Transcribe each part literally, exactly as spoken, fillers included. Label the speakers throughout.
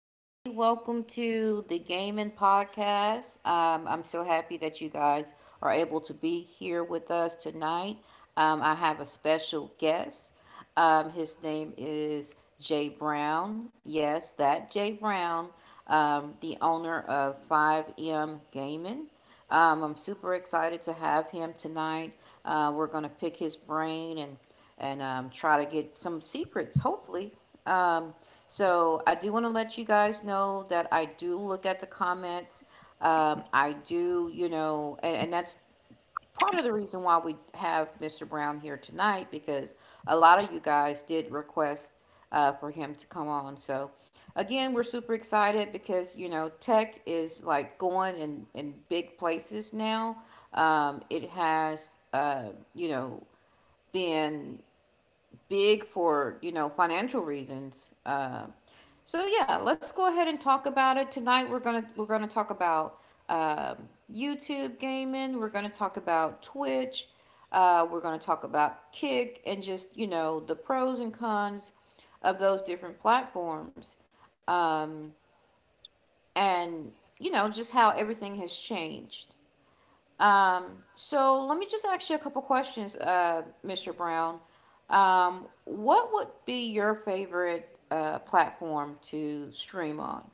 Speaker 1: everybody. Welcome to the Gaming Podcast. Um, I'm so happy that you guys are able to be here with us tonight. Um, I have a special guest. Um, his name is Jay Brown. Yes, that Jay Brown, um, the owner of five M Gaming. Um, I'm super excited to have him tonight. Uh, we're going to pick his brain and and um, try to get some secrets, hopefully. Um, so I do want to let you guys know that I do look at the comments. Um, I do, you know, and, and that's part of the reason why we have mister Brown here tonight because a lot of you guys did request uh, for him to come on. So again, we're super excited because you know tech is like going in in big places now. Um, it has, uh, you know, been big for you know financial reasons. Uh, so yeah, let's go ahead and talk about it tonight. We're gonna we're gonna talk about um YouTube gaming. We're gonna talk about Twitch. Uh, we're gonna talk about Kick and just you know the pros and cons of those different platforms, um, and you know just how everything has changed. Um, so let me just ask you a couple questions, uh, mister Brown. Um, what would be your favorite uh, platform to stream on?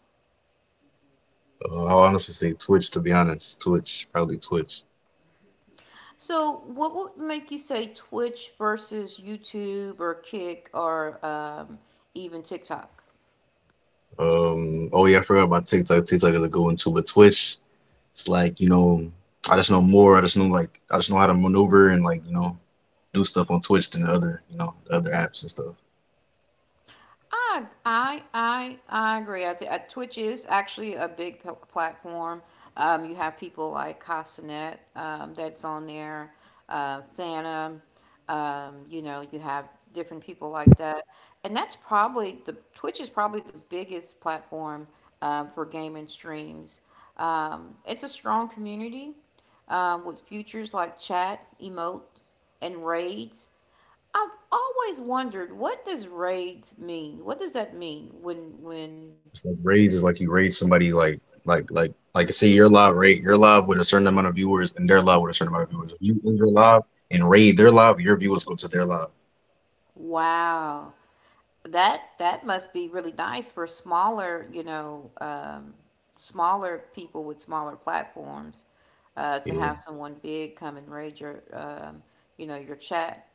Speaker 2: Uh, I honestly say Twitch, to be honest. Twitch, probably Twitch.
Speaker 1: So, what would make you say Twitch versus YouTube or Kick or um, even TikTok?
Speaker 2: Um, oh yeah, I forgot about TikTok. TikTok is a good one too, but Twitch, it's like, you know, I just know more. I just know like I just know how to maneuver and like, you know, do stuff on Twitch than the other, you know, the other apps and stuff.
Speaker 1: I I I I agree. I th- uh, Twitch is actually a big p- platform. Um, you have people like Casanet um, that's on there, uh, Phantom. Um, you know, you have different people like that, and that's probably the Twitch is probably the biggest platform um, for gaming streams. Um, it's a strong community um, with features like chat, emotes, and raids. I've always wondered, what does raids mean? What does that mean when when
Speaker 2: It's like raids is like you raid somebody like like like like say you're live, right? You're live with a certain amount of viewers and they're live with a certain amount of viewers. If you enter live and raid their live, your viewers go to their live.
Speaker 1: wow. That that must be really nice for smaller, you know, um, smaller people with smaller platforms, uh, to have
Speaker 2: Yeah,
Speaker 1: someone big come and raid your um, you know, your chat.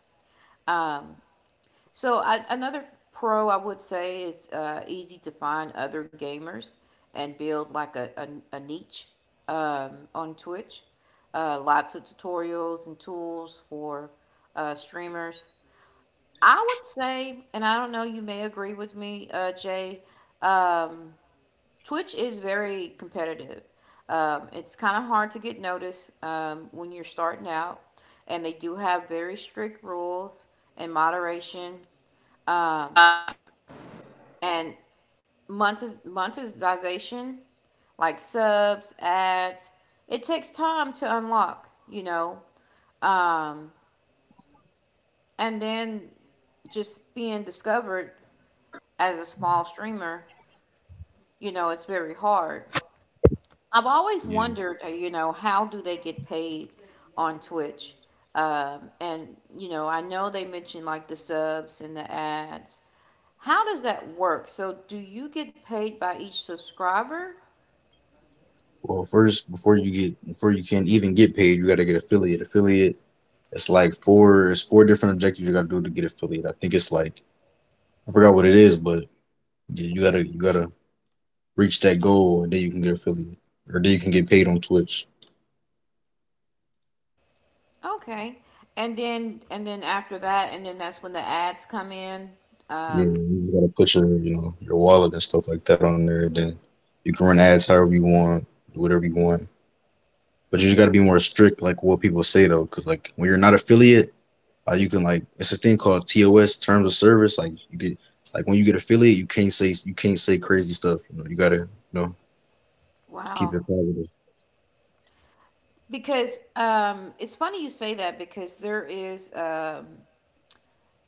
Speaker 1: So I, another pro I would say is uh, easy to find other gamers and build like a, a, a niche um, on Twitch. Uh, lots of tutorials and tools for uh, streamers. I would say, and I don't know, you may agree with me, uh, Jay. Um, Twitch is very competitive. Um, it's kind of hard to get noticed um, when you're starting out, and they do have very strict rules and moderation and monetiz- monetization, like subs, ads, it takes time to unlock, you know. Um, and then Just being discovered as a small streamer, you know, it's very hard.
Speaker 2: yeah.
Speaker 1: I've always wondered, uh, you know, how do they get paid on Twitch? Um, and, you know, I know they mentioned like the subs and the ads. How does that work? So, do you get paid by each subscriber?
Speaker 2: Well, first, before you get before you can even get paid, you gotta get affiliate. Affiliate, it's like four it's four different objectives you gotta do to get affiliate. I think it's like I forgot what it is, but yeah, you gotta you gotta reach that goal and then you can get affiliate. Or then you can get paid on Twitch.
Speaker 1: Okay. And then and then after that and then that's when the ads come in.
Speaker 2: Yeah, you just gotta put your you know your wallet and stuff like that on there. Then you can run ads however you want, do whatever you want. But you just gotta be more strict, like what people say though, because like when you're not affiliate. Uh, you can like it's a thing called T O S, terms of service. Like you get like when you get affiliate, you can't say you can't say crazy stuff. You know, you gotta you know keep
Speaker 1: Wow.
Speaker 2: it positive.
Speaker 1: Because um it's funny you say that because there is um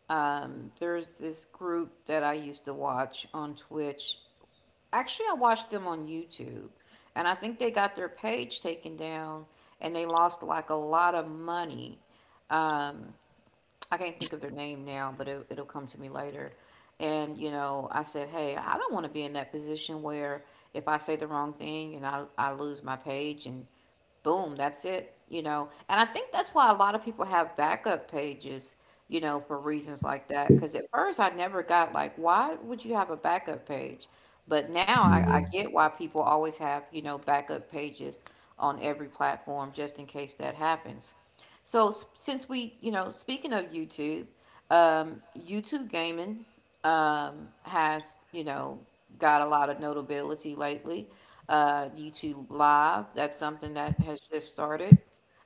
Speaker 1: um there's this group that I used to watch on Twitch. Actually, I watched them on YouTube. And I think they got their page taken down and they lost like a lot of money. Um, I can't think of their name now, but it, it'll come to me later. And, you know, I said, hey, I don't want to be in that position where if I say the wrong thing and I, I lose my page and boom, that's it, you know. And I think that's why a lot of people have backup pages, you know, for reasons like that. Because at first I never got like, why would you have a backup page? But now I,
Speaker 2: Yeah,
Speaker 1: I get why people always have, you know, backup pages on every platform just in case that happens. So, since we, you know, speaking of YouTube, um, YouTube gaming um, has, you know, got a lot of notability lately. Uh, YouTube Live, that's something that has just started.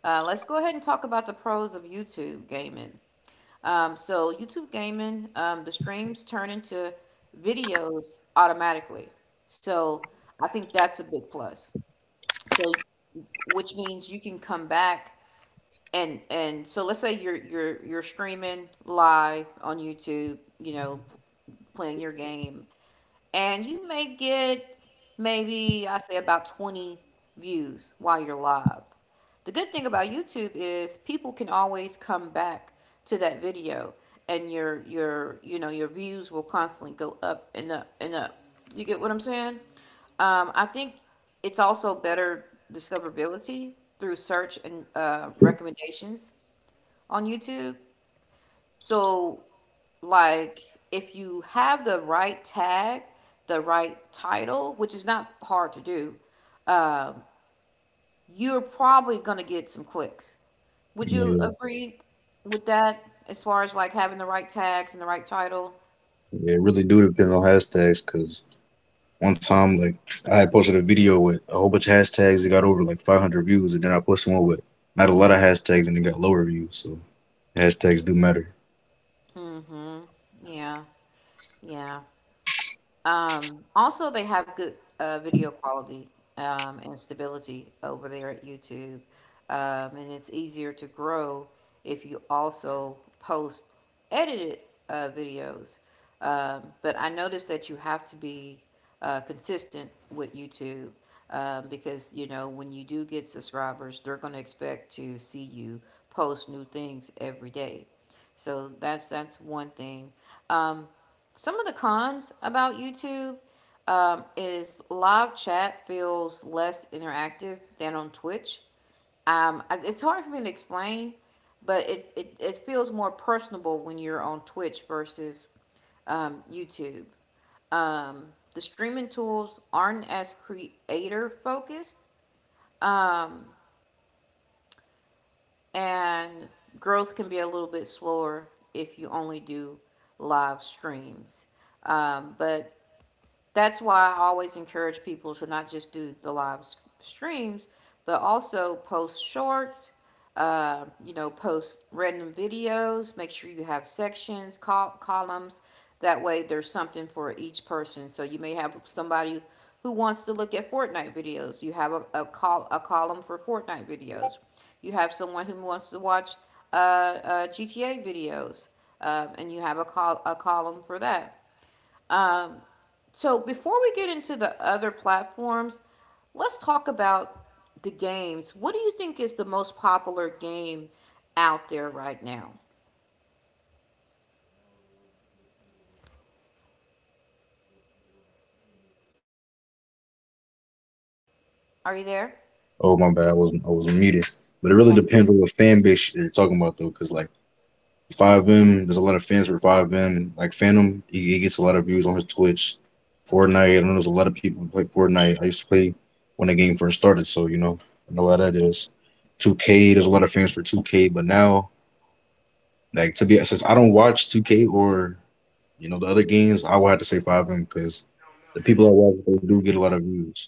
Speaker 1: Uh, let's go ahead and talk about the pros of YouTube gaming. Um, so YouTube gaming, um, the streams turn into videos automatically. So I think that's a big plus. So, which means you can come back and and so let's say you're you're you're streaming live on YouTube, you know, p- playing your game, and you may get maybe I say about twenty views while you're live. The good thing about YouTube is people can always come back to that video and your your you know your views will constantly go up and up and up. You get what I'm saying? Um, I think it's also better discoverability through search and uh, recommendations on YouTube. So, like, if you have the right tag, the right title, which is not hard to do, you're probably going to get some clicks. Would you
Speaker 2: yeah,
Speaker 1: agree with that as far as like having the right tags and the right title?
Speaker 2: yeah. It really do depend on hashtags. Cause one time like I had posted a video with a whole bunch of hashtags. It got over like five hundred views, and then I posted one with not a lot of hashtags, and it got lower views. So hashtags do matter.
Speaker 1: Yeah. Yeah. Um, also, they have good uh, video quality um, and stability over there at YouTube. Um, and it's easier to grow if you also post edited uh, videos. Um, but I noticed that you have to be uh, consistent with YouTube um, because, you know, when you do get subscribers, they're going to expect to see you post new things every day. So that's that's one thing. Some of the cons about YouTube um, is live chat feels less interactive than on Twitch. Um, it's hard for me to explain, but it, it, it feels more personable when you're on Twitch versus um, YouTube. The streaming tools aren't as creator focused, and growth can be a little bit slower if you only do live streams. Um, but That's why I always encourage people to not just do the live streams, but also post shorts, uh, you know, post random videos. Make sure you have sections, col- columns. That way, there's something for each person. So you may have somebody who wants to look at Fortnite videos. You have a, a call a column for Fortnite videos. You have someone who wants to watch uh, uh, G T A videos, um, and you have a call a column for that. So before we get into the other platforms, let's talk about the games. What do you think is the most popular game out there right now? Are you there?
Speaker 2: Oh my bad, I was I was muted. But it really depends on what fan base you're talking about though, cause like. five M, there's a lot of fans for five M. Like Phantom, he, he gets a lot of views on his Twitch. Fortnite, I know there's a lot of people who play Fortnite. I used to play when the game first started, so you know, I know how that is. two K, there's a lot of fans for two K, but now, like to be since I don't watch two K or you know the other games, I would have to say five M because the people I watch they do get a lot of views.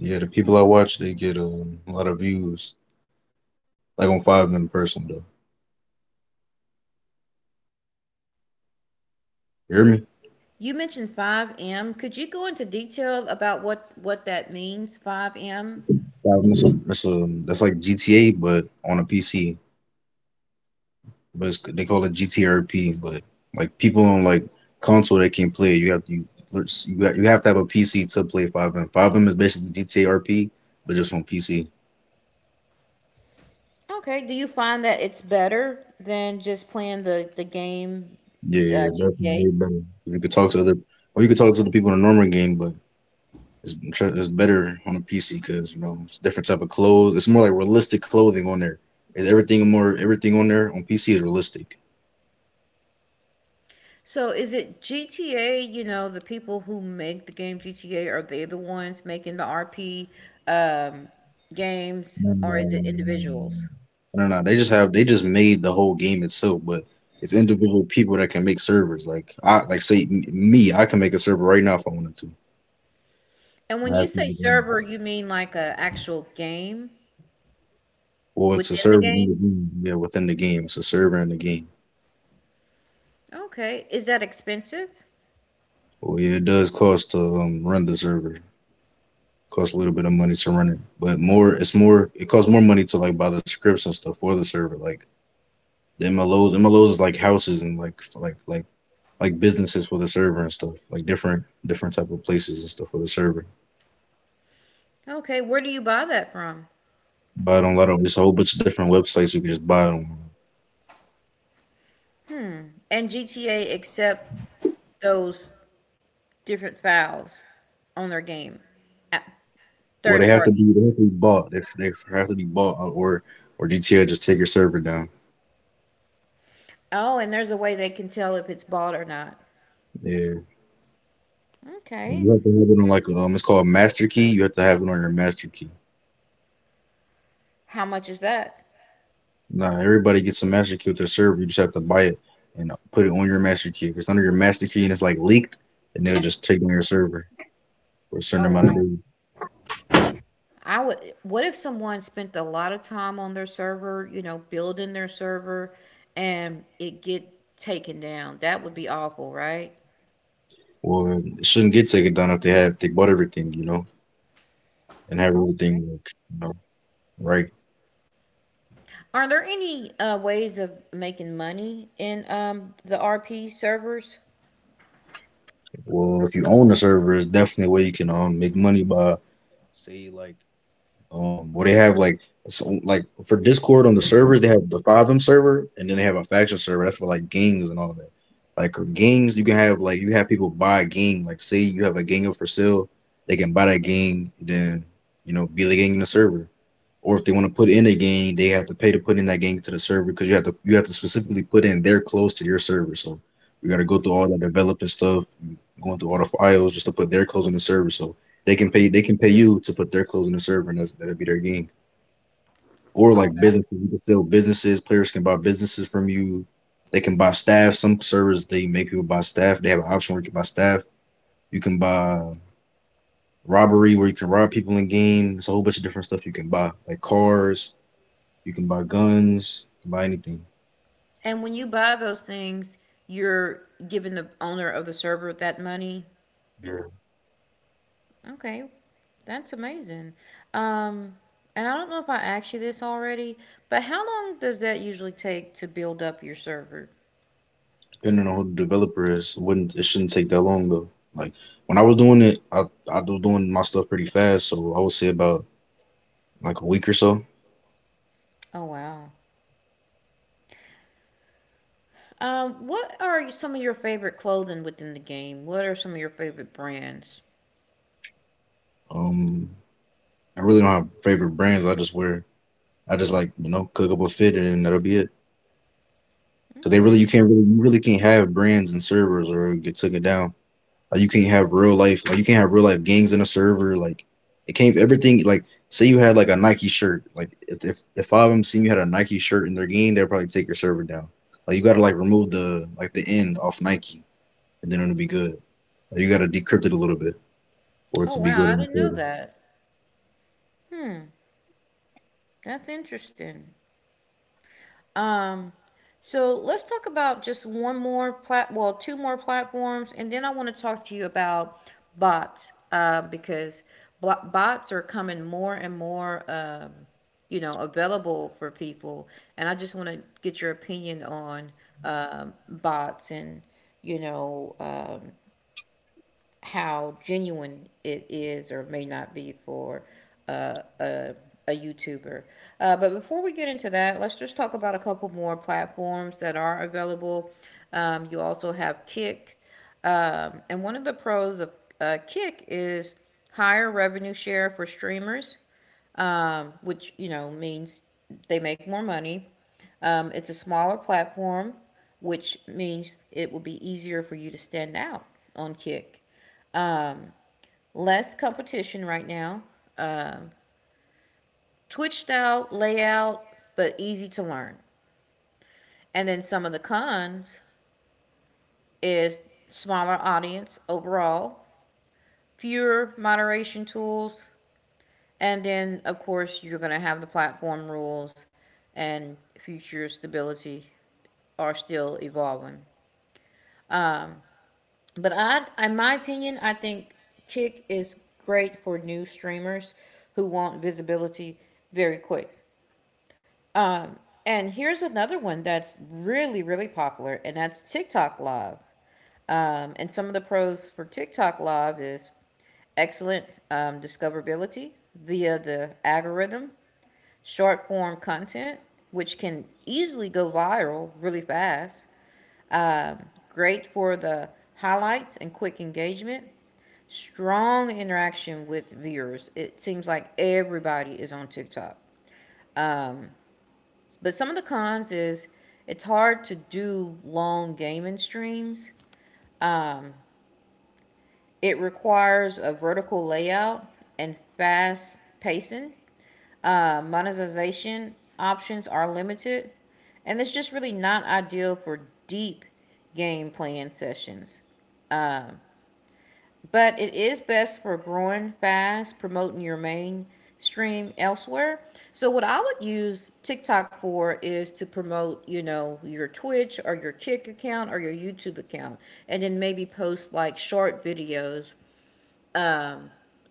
Speaker 2: Yeah, the people I watch they get um, a lot of views, like on five M person though. You hear me?
Speaker 1: You mentioned five M. Could you go into detail about what what that means, five M?
Speaker 2: five M, that's, a, that's a- that's like G T A, but on a P C. But it's, they call it G T R P. But like people on like console that can play it, you have to you you have to have a P C to play five M. five M is basically G T R P, but just on P C.
Speaker 1: Okay, do you find that it's better than just playing the the game,
Speaker 2: Yeah,
Speaker 1: uh,
Speaker 2: yeah, that's
Speaker 1: G T A?
Speaker 2: way better. You could talk to other, or you could talk to the people in the normal game, but it's tr- it's better on a P C because you know it's different type of clothes. It's more like realistic clothing on there. Is everything more everything on there on P C is realistic.
Speaker 1: So is it G T A, you know, the people who make the game G T A, are they the ones making the R P um, games or is it individuals?
Speaker 2: Mm, I don't know. They just have they just made the whole game itself, but it's individual people that can make servers. Like I like say m- me, I can make a server right now if I wanted to.
Speaker 1: And when
Speaker 2: I
Speaker 1: you
Speaker 2: have
Speaker 1: say
Speaker 2: people that-
Speaker 1: server, you mean like a actual game
Speaker 2: Or it's a
Speaker 1: within the
Speaker 2: server in the
Speaker 1: game?
Speaker 2: game. Yeah, within the game, it's a server in the game.
Speaker 1: Okay. Is that expensive?
Speaker 2: Well, yeah, it does cost to um, run the server. Costs a little bit of money to run it, but more it's more it costs more money to like buy the scripts and stuff for the server. Like the M L Os, M L Os is like houses and like f- like like like businesses for the server and stuff, like different different type of places and stuff for the server.
Speaker 1: Okay. Where do you buy that from?
Speaker 2: Buy it on a lot of there's a whole bunch of different websites you can just buy it on.
Speaker 1: And G T A accept those different files on their game at
Speaker 2: Well, they
Speaker 1: third
Speaker 2: have to
Speaker 1: party.
Speaker 2: be they have to be bought. They, they have to be bought, uh, or or G T A just take your server down.
Speaker 1: Oh, and there's a way they can tell if it's bought or not.
Speaker 2: Yeah. And
Speaker 1: Okay.
Speaker 2: you have to have it on like um, it's called a master key. You have to have it on your master key.
Speaker 1: How much is that?
Speaker 2: Nah, everybody gets a master key with their server. You just have to buy it and put it on your master key. If it's under your master key and it's like leaked, then they'll just take on your server for a certain
Speaker 1: Oh,
Speaker 2: amount of
Speaker 1: wow.
Speaker 2: days.
Speaker 1: I would, what if someone spent a lot of time on their server, you know, building their server and it get taken down? That would be awful, right?
Speaker 2: Well, it shouldn't get taken down if they have if they bought everything, you know. And have everything
Speaker 1: Okay.
Speaker 2: like, you know, right.
Speaker 1: Are there any uh, ways of making money in um, the R P servers?
Speaker 2: Well, if you own the server, it's definitely a way you can um make money by say like um well they have like so like for Discord on the servers they have the five M server and then they have a faction server that's for like gangs and all that. Like for gangs, you can have like you have people buy a gang. Like say you have a gang up for sale, they can buy that gang, then you know be the gang in the server. Or if they want to put in a game, they have to pay to put in that game to the server because you have to you have to specifically put in their clothes to your server. So you got to go through all that developing stuff, going through all the files just to put their clothes on the server. So they can pay they can pay you to put their clothes on the server, and that's that'll be their game. Or
Speaker 1: Oh,
Speaker 2: like
Speaker 1: that.
Speaker 2: businesses, you can sell businesses. Players can buy businesses from you. They can buy staff. Some servers they make people buy staff. They have an option where you can buy staff. You can buy robbery where you can rob people in game. There's a whole bunch of different stuff you can buy, like cars you can buy guns, you can buy anything.
Speaker 1: And when you buy those things, you're giving the owner of the server that money?
Speaker 2: Yeah.
Speaker 1: Okay, that's amazing. Um, and I don't know if I asked you this already, but how long does that usually take to build up your server?
Speaker 2: Depending on who the developer is, it wouldn't it shouldn't take that long though. Like when I was doing it, I I was doing my stuff pretty fast, so I would say about like a week or so.
Speaker 1: Oh, wow. Um, what are some of your favorite clothing within the game? What are some of your favorite brands?
Speaker 2: Um, I really don't have favorite brands. I just wear I just like you know cook up a fit and that'll be it. Cause they really
Speaker 1: Okay.
Speaker 2: you can't really you really can't have brands and servers or get taken down. Like you can't have real life, like you can't have real life gangs in a server. Like it can't everything. Like say you had like a Nike shirt. Like if if, if five of them seen you had a Nike shirt in their game, they'll probably take your server down. Like you gotta like remove the like the end off Nike, and then it'll be good. Like, you gotta decrypt it a little bit for it
Speaker 1: Oh,
Speaker 2: to be
Speaker 1: wow,
Speaker 2: good
Speaker 1: I
Speaker 2: in the
Speaker 1: didn't know
Speaker 2: server.
Speaker 1: that. That's interesting. Um, so let's talk about just one more plat, well, two more platforms, and then I want to talk to you about bots, uh, because bots are coming more and more, um, you know, available for people, and I just want to get your opinion on um bots and you know. Um, how genuine it is or may not be for uh, a, a YouTuber. Uh, but before we get into that, let's just talk about a couple more platforms that are available. Um, you also have Kick. Um, and one of the pros of uh, Kick is higher revenue share for streamers, um, which, you know, means they make more money. Um, it's a smaller platform, which means it will be easier for you to stand out on Kick, less competition right now, twitched out layout, but easy to learn. And then some of the cons is smaller audience overall, fewer moderation tools, and then of course you're going to have the platform rules and future stability are still evolving. But I in my opinion, I think Kick is great for new streamers who want visibility very quick. Um, and here's another one that's really, really popular, and that's TikTok Live. Um, and some of the pros for TikTok Live is excellent um, discoverability via the algorithm, short form content, which can easily go viral really fast, great for the highlights and quick engagement, strong interaction with viewers. It seems like everybody is on TikTok. But some of the cons is it's hard to do long gaming streams. It requires a vertical layout and fast pacing. Uh, monetization options are limited, and it's just really not ideal for deep game playing sessions, but it is best for growing fast, promoting your mainstream elsewhere. So what I would use TikTok for is to promote, you know, your Twitch or your Kick account or your YouTube account, and then maybe post like short videos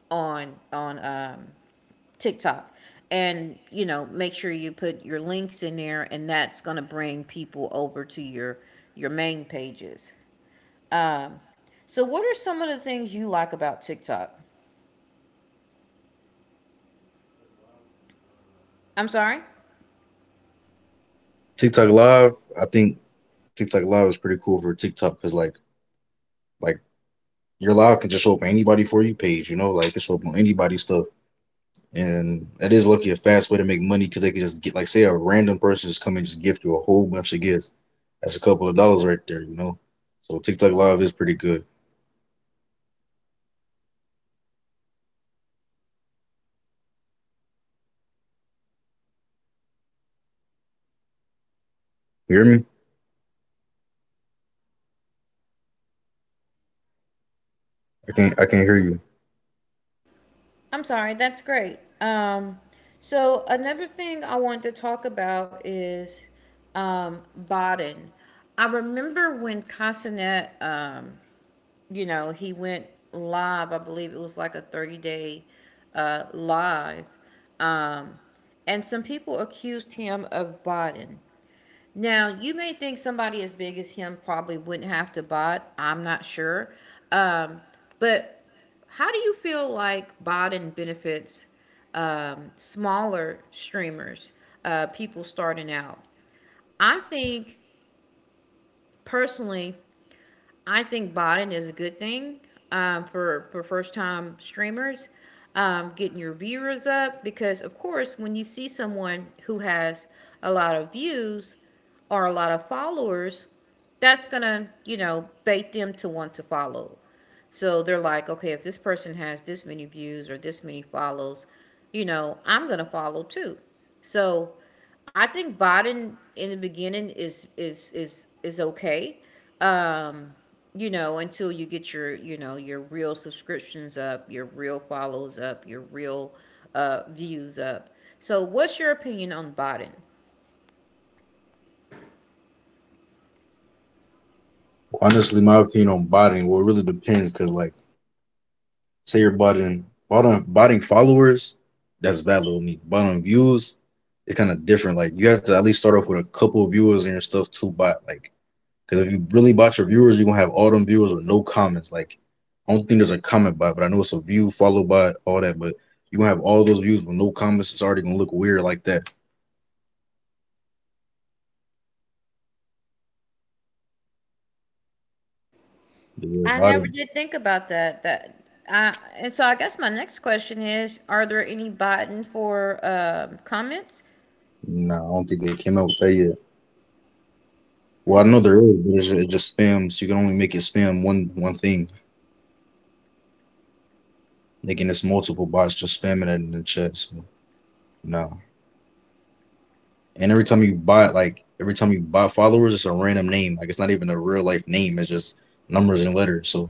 Speaker 1: on on um, TikTok, and you know, make sure you put your links in there, and that's gonna bring people over to your your main pages. So what are some of the things you like about TikTok? I'm sorry.
Speaker 2: TikTok Live, I think TikTok Live is pretty cool for TikTok because like like your live can just show up on anybody for you page. You know, like it show up on anybody's stuff. And that is lucky a fast way to make money because they can just get like say a random person just come and just gift you a whole bunch of gifts. That's a couple of dollars right there, you know. So TikTok Live is pretty good. You hear me? I can't I can't hear you.
Speaker 1: I'm sorry, that's great. Um, so another thing I want to talk about is um, Baden. I remember when Consonet, um, you know, he went live. I believe it was like a thirty day uh, live, and some people accused him of Baden. Now, you may think somebody as big as him probably wouldn't have to bot. I'm not sure. Um, but how do you feel like botting benefits um, smaller streamers, uh, people starting out? I think personally, I think botting is a good thing um, for for first time streamers, um, getting your viewers up, because of course when you see someone who has a lot of views or a lot of followers, that's gonna, you know, bait them to want to follow. So they're like, okay, if this person has this many views or this many follows, you know, I'm gonna follow too. So I think Biden in the beginning is is is is okay. Um, you know, until you get your, you know, your real subscriptions up, your real follows up, your real uh, views up. So, what's your opinion on Biden?
Speaker 2: Well, honestly, my opinion on botting, well, it really depends because like say you're botting botting botting followers, that's valid with me. Botting views is kind of different. Like you have to at least start off with a couple of viewers and your stuff to bot. Like because if you really bot your viewers, you're gonna have all them viewers with no comments. Like I don't think there's a comment bot, but I know it's a view followed by all that. But you're gonna have all those views with no comments. It's already gonna look weird like that. Yeah,
Speaker 1: I
Speaker 2: I
Speaker 1: never did think about that. That I, and so I guess my next question is: are there any Biden for um, comments?
Speaker 2: nah, I don't think they came out with that yet. Well, I know there is, but it's, it just spams. You can only make it spam one one thing. Like and it's multiple bots just spamming it in the chat. So nah. And every time you buy like every time you buy followers, it's a random name. Like it's not even a real life name. It's just numbers and letters. So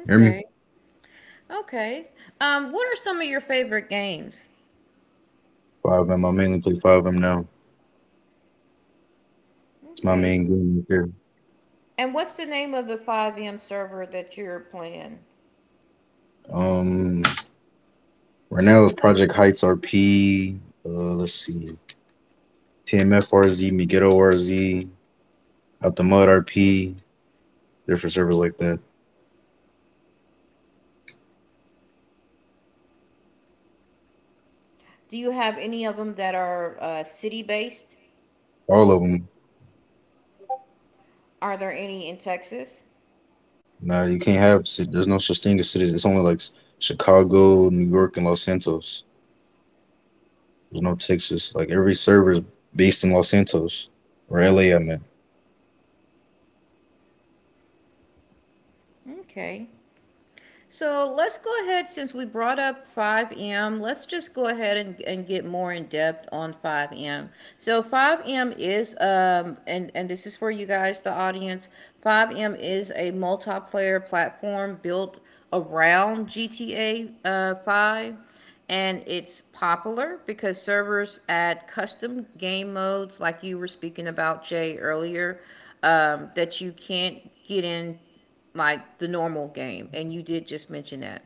Speaker 2: hear me.
Speaker 1: okay. Um, what are some of your favorite games?
Speaker 2: Five M. I mainly play Five M now. It's my
Speaker 1: Okay.
Speaker 2: main game right here.
Speaker 1: And what's the name of the five M server that you're playing?
Speaker 2: Um, right now it's Project Heights R P. Uh, let's see, TMF RZ, Megiddo RZ, Out the Mud R P, different servers like that.
Speaker 1: Do you have any of them that are uh, city based?
Speaker 2: All of them.
Speaker 1: Are there any in Texas?
Speaker 2: Nah, you can't have. There's no such thing as cities. It's only like Chicago, New York, and Los Santos. There's no Texas. Like every server is based in Los Santos or L A. I mean,
Speaker 1: Okay. So let's go ahead, since we brought up five M, let's just go ahead and, and get more in depth on five M. So five M is, um, and, and this is for you guys, the audience, five M is a multiplayer platform built around G T A, uh, five. And it's popular because servers add custom game modes, like you were speaking about, Jay, earlier, um, that you can't get in like the normal game, and you did just mention that.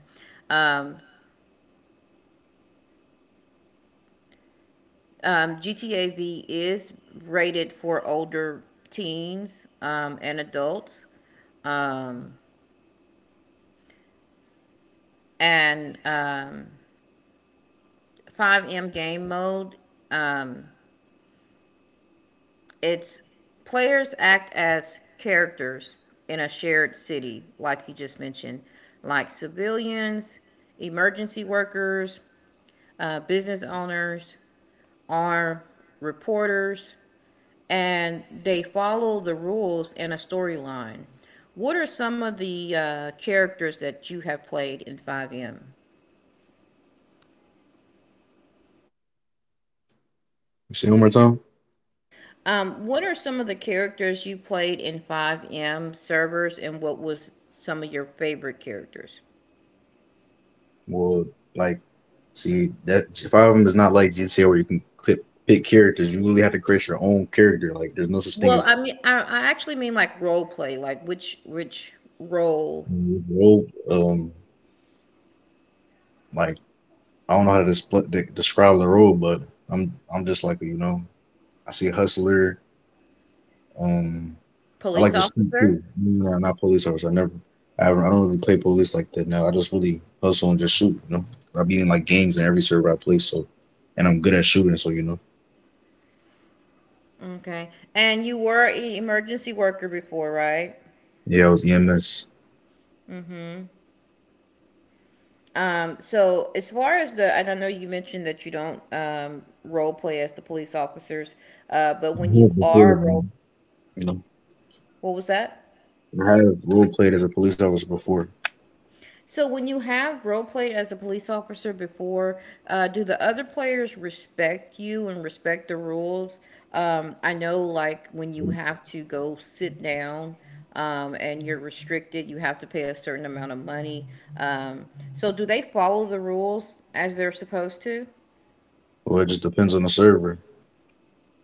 Speaker 1: Um, um, G T A V is rated for older teens um, and adults, and um, five M game mode. Um, it's players act as characters in a shared city, like you just mentioned, like civilians, emergency workers, uh, business owners, our reporters, and they follow the rules and a storyline. What are some of the uh, characters that you have played in five M?
Speaker 2: You say it one more time.
Speaker 1: Um, what are some of the characters you played in five M servers, and what was some of your favorite characters?
Speaker 2: Well, like, see that five of them is not like G T A where you can clip pick characters. You really have to create your own character. Like, there's no such thing
Speaker 1: Well,
Speaker 2: as
Speaker 1: I mean, I, I actually mean like role play, like which which role?
Speaker 2: role. Um, like I don't know how to displ- de- describe the role, but I'm I'm just, like you know, I see hustler. Um, I like
Speaker 1: Police
Speaker 2: to shoot
Speaker 1: officer?
Speaker 2: too. No, I'm not police officer. I never. I haven't, I don't really play police like that now. I just really hustle and just shoot. You know, I be in like gangs and every server I play. So, and I'm good at shooting. So you know,
Speaker 1: Okay. And you were an emergency worker before, right?
Speaker 2: yeah, I was E M S.
Speaker 1: So, as far as the, and I know you mentioned that you don't um, role play as the police officers, uh, but when you are role,
Speaker 2: You know.
Speaker 1: what was that?
Speaker 2: I have role played as a police officer before.
Speaker 1: So, when you have role played as a police officer before, uh, do the other players respect you and respect the rules? Um, I know, like, when you have to go sit down um, and you're restricted, you have to pay a certain amount of money. Um, so, do they follow the rules as they're supposed to?
Speaker 2: Well, it just depends on the server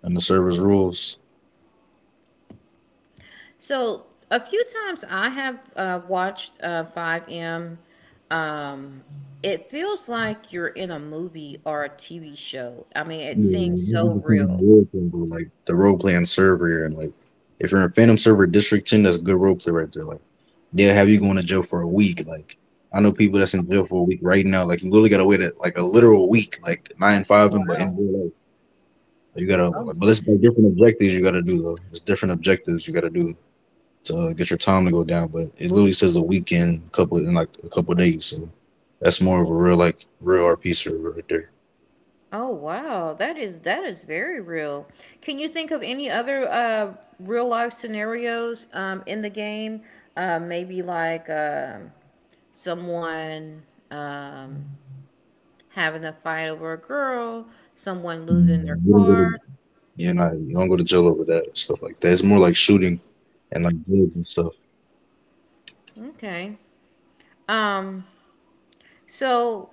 Speaker 2: and the server's rules.
Speaker 1: So a few times I have uh, watched uh, five M. Um, it feels like you're in a movie or a T V show. I mean, it
Speaker 2: Yeah,
Speaker 1: seems
Speaker 2: it just
Speaker 1: so
Speaker 2: depends on the
Speaker 1: real.
Speaker 2: role playing, but, like the role playing server you're in. Like if you're in Phantom Server District Ten, that's a good role play right there. Like they'll have you going to jail for a week. Like I know people that's in jail for a week right now. Like you literally gotta wait a, like a literal week, like nine
Speaker 1: Oh
Speaker 2: five and but in
Speaker 1: wow.
Speaker 2: real life. You gotta,
Speaker 1: Oh my
Speaker 2: but it's
Speaker 1: goodness.
Speaker 2: like different objectives you gotta do though. It's different objectives you gotta do to uh, get your time to go down. But it literally says a weekend, couple in like a couple days. So that's more of a real like real R P server right there.
Speaker 1: Oh wow. That is, that is very real. Can you think of any other uh, real life scenarios um, in the game? Uh, maybe like um, someone um, having a fight over a girl, someone losing their
Speaker 2: You don't go
Speaker 1: car.
Speaker 2: to- You're not you don't go to jail over that stuff like that. It's more like shooting and like drugs and stuff,
Speaker 1: Okay. Um, so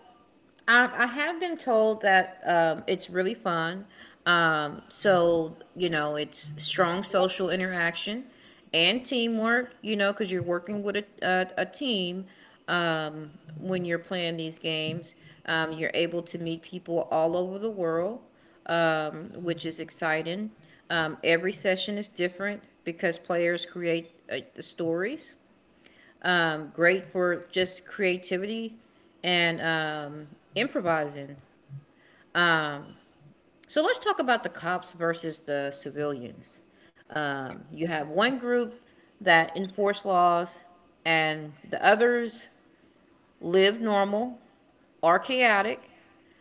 Speaker 1: I, I have been told that um, it's really fun. Um, so, you know, it's strong social interaction and teamwork, you know, because you're working with a, a, a team um, when you're playing these games. Um, you're able to meet people all over the world, um, which is exciting. Um, every session is different because players create uh, the stories, um, great for just creativity and um, improvising. So let's talk about the cops versus the civilians. Um, you have one group that enforce laws, and the others live normal or chaotic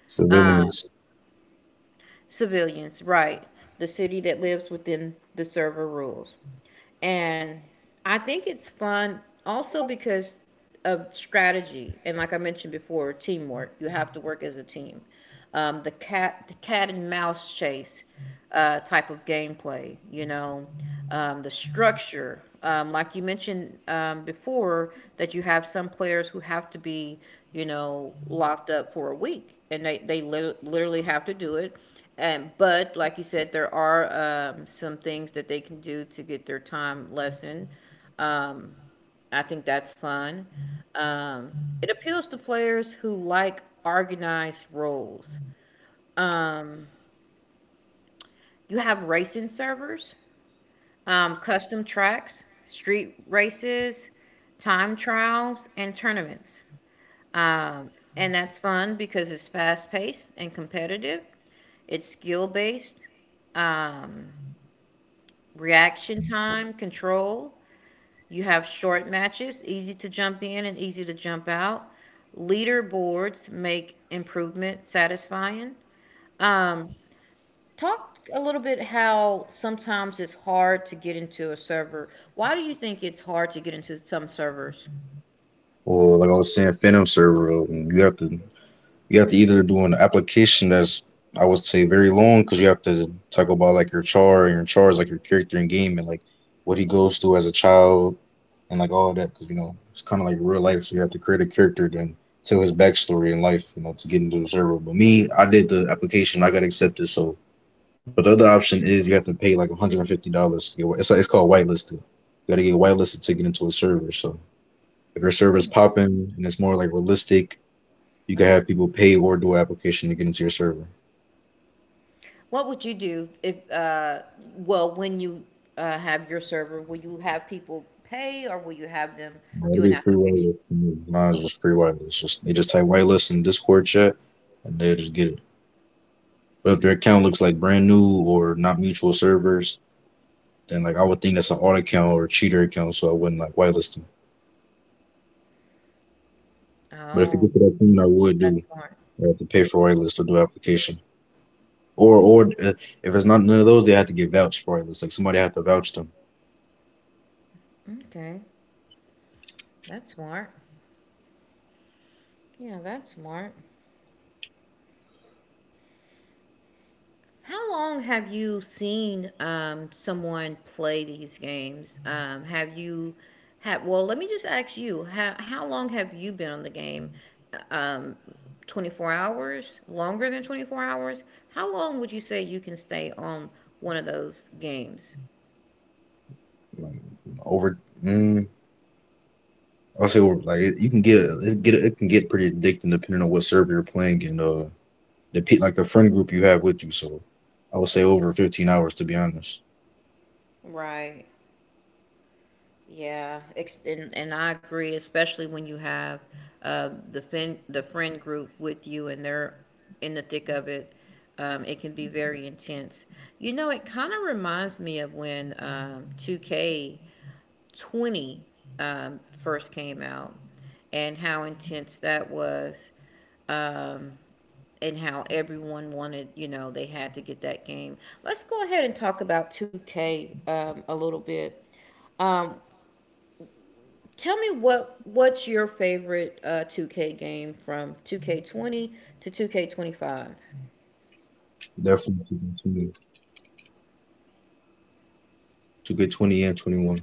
Speaker 2: civilians.
Speaker 1: civilians, right? The city that lives within the server rules. And I think it's fun also because of strategy and, like I mentioned before, teamwork. You have to work as a team. Um, the cat the cat and mouse chase uh, type of gameplay, you know, um, the structure. Um, like you mentioned um, before, that you have some players who have to be, you know, locked up for a week and they, they lit- literally have to do it. And, but like you said, there are um, some things that they can do to get their time lessened. I think that's fun. Um, it appeals to players who like organized roles. You have racing servers, um, custom tracks, street races, time trials, and tournaments. Um, and that's fun because it's fast paced and competitive. It's skill based, um, reaction time, control. You have short matches, easy to jump in and easy to jump out. Leaderboards make improvement satisfying. Talk a little bit how sometimes it's hard to get into a server. Why do you think it's hard to get into some servers?
Speaker 2: Or like I was saying, Phantom server. uh, You have to. You have to either do an application that's I would say very long because you have to talk about like your char, and your char is like your character in game, and like what he goes through as a child and like all that, because you know it's kind of like real life, so you have to create a character then tell his backstory in life, you know, to get into the server. But me, I did the application, I got accepted so. But the other option is you have to pay like a hundred fifty dollars to get it's like, it's called whitelisted. You got to get whitelisted to get into a server. So if your server's popping and it's more like realistic you can have people pay or do an application to get into your server.
Speaker 1: What would you do if, uh, well, when you uh, have your server, will you have people pay or will you have them
Speaker 2: Now, it'll
Speaker 1: do an
Speaker 2: be free
Speaker 1: application?
Speaker 2: whitelist for me. Mine's just free whitelist. Just they just type whitelist in Discord chat, and they will just get it. But if their account looks like brand new or not mutual servers, then like I would think that's an alt account or a cheater account, so I wouldn't like whitelist them. But if it
Speaker 1: Oh,
Speaker 2: gets to that point, I would
Speaker 1: that's
Speaker 2: do
Speaker 1: smart.
Speaker 2: I have to pay for whitelist or do application. Or or uh, if it's not none of those, they have to get vouched for whitelist. Like somebody have to vouch them.
Speaker 1: Okay, that's smart. Yeah, that's smart. How long have you seen um, someone play these games? Um, have you had, well, let me just ask you, how, how long have you been on the game? Uh, Um, twenty-four hours? Longer than twenty-four hours? How long would you say you can stay on one of those games?
Speaker 2: Like over. Mm, I'll say well, like it, you can get a- it get a- it can get pretty addicting depending on what server you're playing and uh the pe- like the friend group you have with you. So I would say over fifteen hours to be honest.
Speaker 1: Right. Yeah, ex- and and I agree, especially when you have uh, the fin the friend group with you and they're in the thick of it. Um, it can be very intense. You know, it kind of reminds me of when um, two K twenty um, first came out and how intense that was and how everyone wanted, you know, they had to get that game. Let's go ahead and talk about two K um, a little bit. Tell me what what's your favorite uh, two K game from two K twenty to two K twenty-five,
Speaker 2: Definitely to get twenty, to get 20 and twenty one.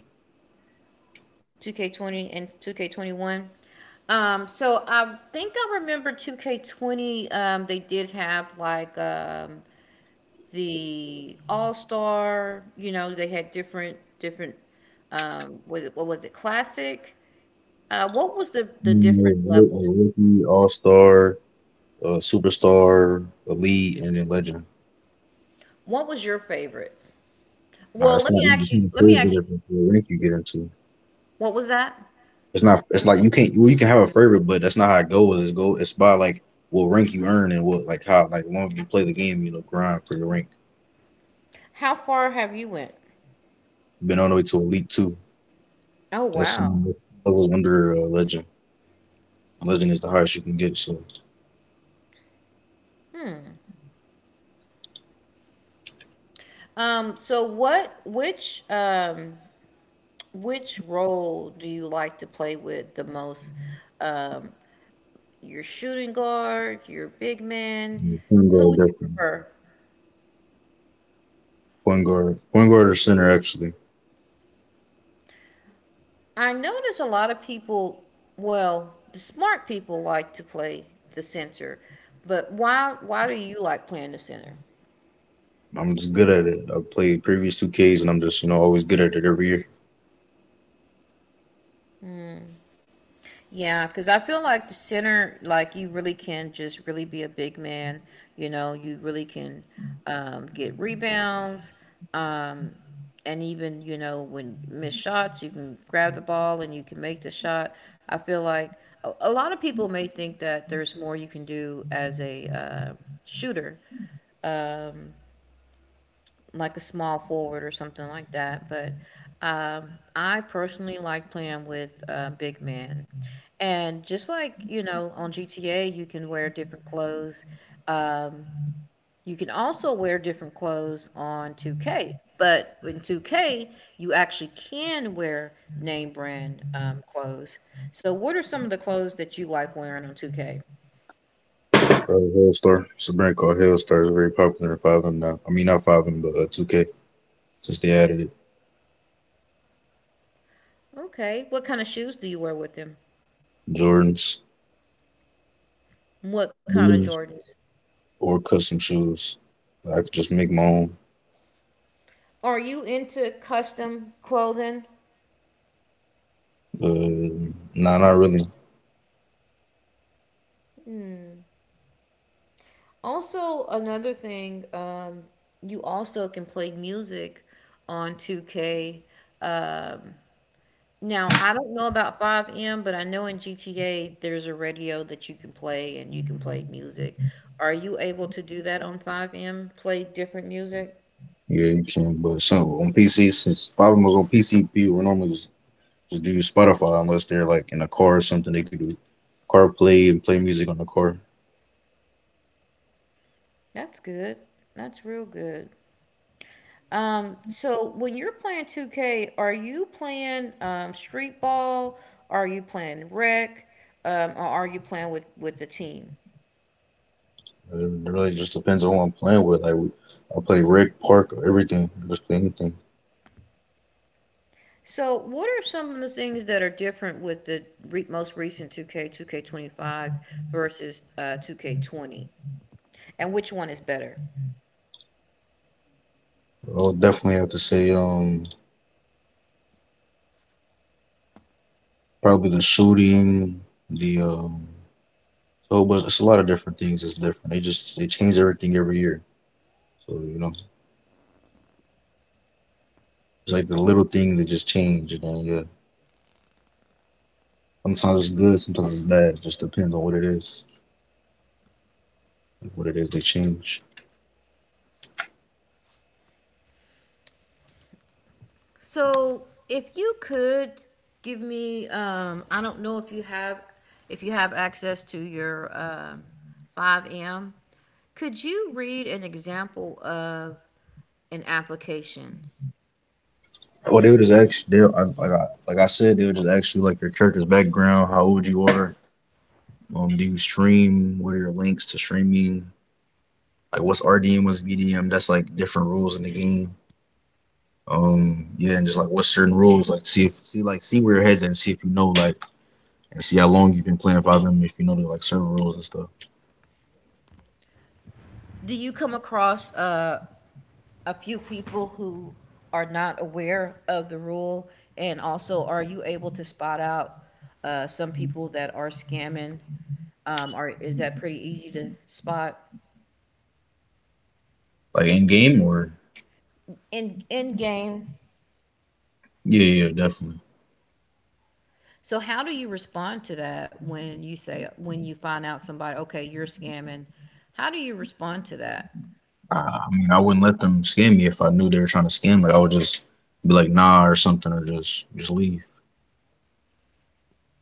Speaker 1: two K twenty and two K twenty-one. Um, so I think I remember two K twenty. Um, they did have like um, the All Star. You know, they had different different. Um, was it what was it, classic? Uh, what was the the different levels?
Speaker 2: Rookie, All Star, uh, Superstar, Elite, and then Legend.
Speaker 1: What was your favorite?
Speaker 2: Nah,
Speaker 1: Well,
Speaker 2: it's
Speaker 1: let
Speaker 2: not
Speaker 1: me
Speaker 2: even
Speaker 1: ask you.
Speaker 2: kind of
Speaker 1: Let me ask you.
Speaker 2: favorite if it's the rank you get into.
Speaker 1: What was that?
Speaker 2: It's not. It's like you can't. Well, you can have a favorite, but that's not how it goes. It's go. It's by like what rank you earn and what like how like long you play the game. You know, grind for your rank.
Speaker 1: How far have you went?
Speaker 2: Been all the way to Elite Two.
Speaker 1: Oh
Speaker 2: That's
Speaker 1: wow.
Speaker 2: level under uh, Legend. Legend is the highest you can get. So
Speaker 1: Um, so what which um which role do you like to play with the most? Um, your shooting guard, your big man,
Speaker 2: mm, point
Speaker 1: who
Speaker 2: guard
Speaker 1: would you
Speaker 2: definitely.
Speaker 1: prefer?
Speaker 2: Point guard, point guard or center actually.
Speaker 1: I notice a lot of people, well, the smart people like to play the center, but why why do you like playing the center?
Speaker 2: I'm just good at it. I played previous two Ks and I'm just, you know, always good at it every year.
Speaker 1: Yeah, because I feel like the center, like you really can just really be a big man. You know, you really can um, get rebounds. Um, and even, you know, when miss shots, you can grab the ball and you can make the shot. I feel like a, a lot of people may think that there's more you can do as a uh, shooter, like a small forward or something like that. But um, I personally like playing with uh, big men. And just like, you know, on G T A, you can wear different clothes. Um, you can also wear different clothes on two K. But in two K, you actually can wear name brand um, clothes. So, what are some of the clothes that you like wearing on two K?
Speaker 2: Uh, Hailstar, it's a brand called Hailstar. It's very popular in five M now. I mean not five M but uh, two K since they added it.
Speaker 1: Okay. What kind of shoes do you wear with them?
Speaker 2: Jordans,
Speaker 1: What kind of
Speaker 2: blues,
Speaker 1: Jordans?
Speaker 2: or custom shoes. I could just make my own.
Speaker 1: Are you into custom clothing?
Speaker 2: Uh, nah, not really.
Speaker 1: Also, another thing, um, you also can play music on two K. Um, Now, I don't know about five M, but I know in G T A there's a radio that you can play and you can play music. Are you able to do that on five M? Play different music?
Speaker 2: Yeah, you can. But so on P C, since a lot of them was on P C, people would normally just, just do Spotify unless they're like in a car or something. They could do CarPlay and play music on the car.
Speaker 1: That's good. That's real good. Um, so when you're playing two K, are you playing um, street ball? Are you playing rec? Um, or are you playing with, with the team?
Speaker 2: Uh, It really just depends on what I'm playing with. Like I play Rick Park, everything. I just play anything.
Speaker 1: So what are some of the things that are different with the re- most recent two K, two K twenty-five versus uh, two K twenty? And which one is better?
Speaker 2: I'll definitely have to say um probably the shooting, the um so but it's a lot of different things. It's different. They just they change everything every year. So you know it's like the little things that just change and then yeah. Sometimes it's good, sometimes it's bad. It just depends on what it is, like what it is they change.
Speaker 1: So, if you could give me, um, I don't know if you have, if you have access to your um, five M, could you read an example of an application?
Speaker 2: Or they would just ask, they I, like I like I said, they would just ask you like your character's background, how old you are, um, do you stream, what are your links to streaming, like what's R D M, what's V D M. That's like different rules in the game. Um, yeah, and just like what's certain rules, like see if see like see where your head's at, and see if you know like and see how long you've been playing five M, if you know the like certain rules and stuff.
Speaker 1: Do you come across uh, a few people who are not aware of the rule? And also, are you able to spot out uh, some people that are scamming? Um, or is that pretty easy to spot?
Speaker 2: Like in game or
Speaker 1: In in game.
Speaker 2: yeah, yeah, definitely.
Speaker 1: So how do you respond to that when you say when you find out somebody, okay, you're scamming? How do you respond to that?
Speaker 2: I I mean, I wouldn't let them scam me if I knew they were trying to scam me. I would just be like, nah, or something, or just just leave.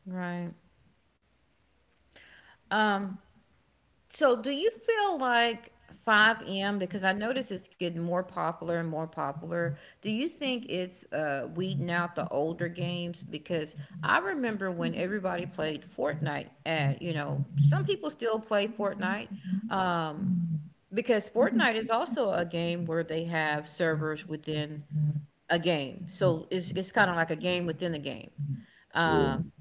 Speaker 1: Right. Um so do you feel like five M, because I notice it's getting more popular and more popular. Do you think it's uh weeding out the older games? Because I remember when everybody played Fortnite, and you know, some people still play Fortnite. Um because Fortnite is also a game where they have servers within a game. So it's it's kind of like a game within a game.
Speaker 2: Yeah,
Speaker 1: Um,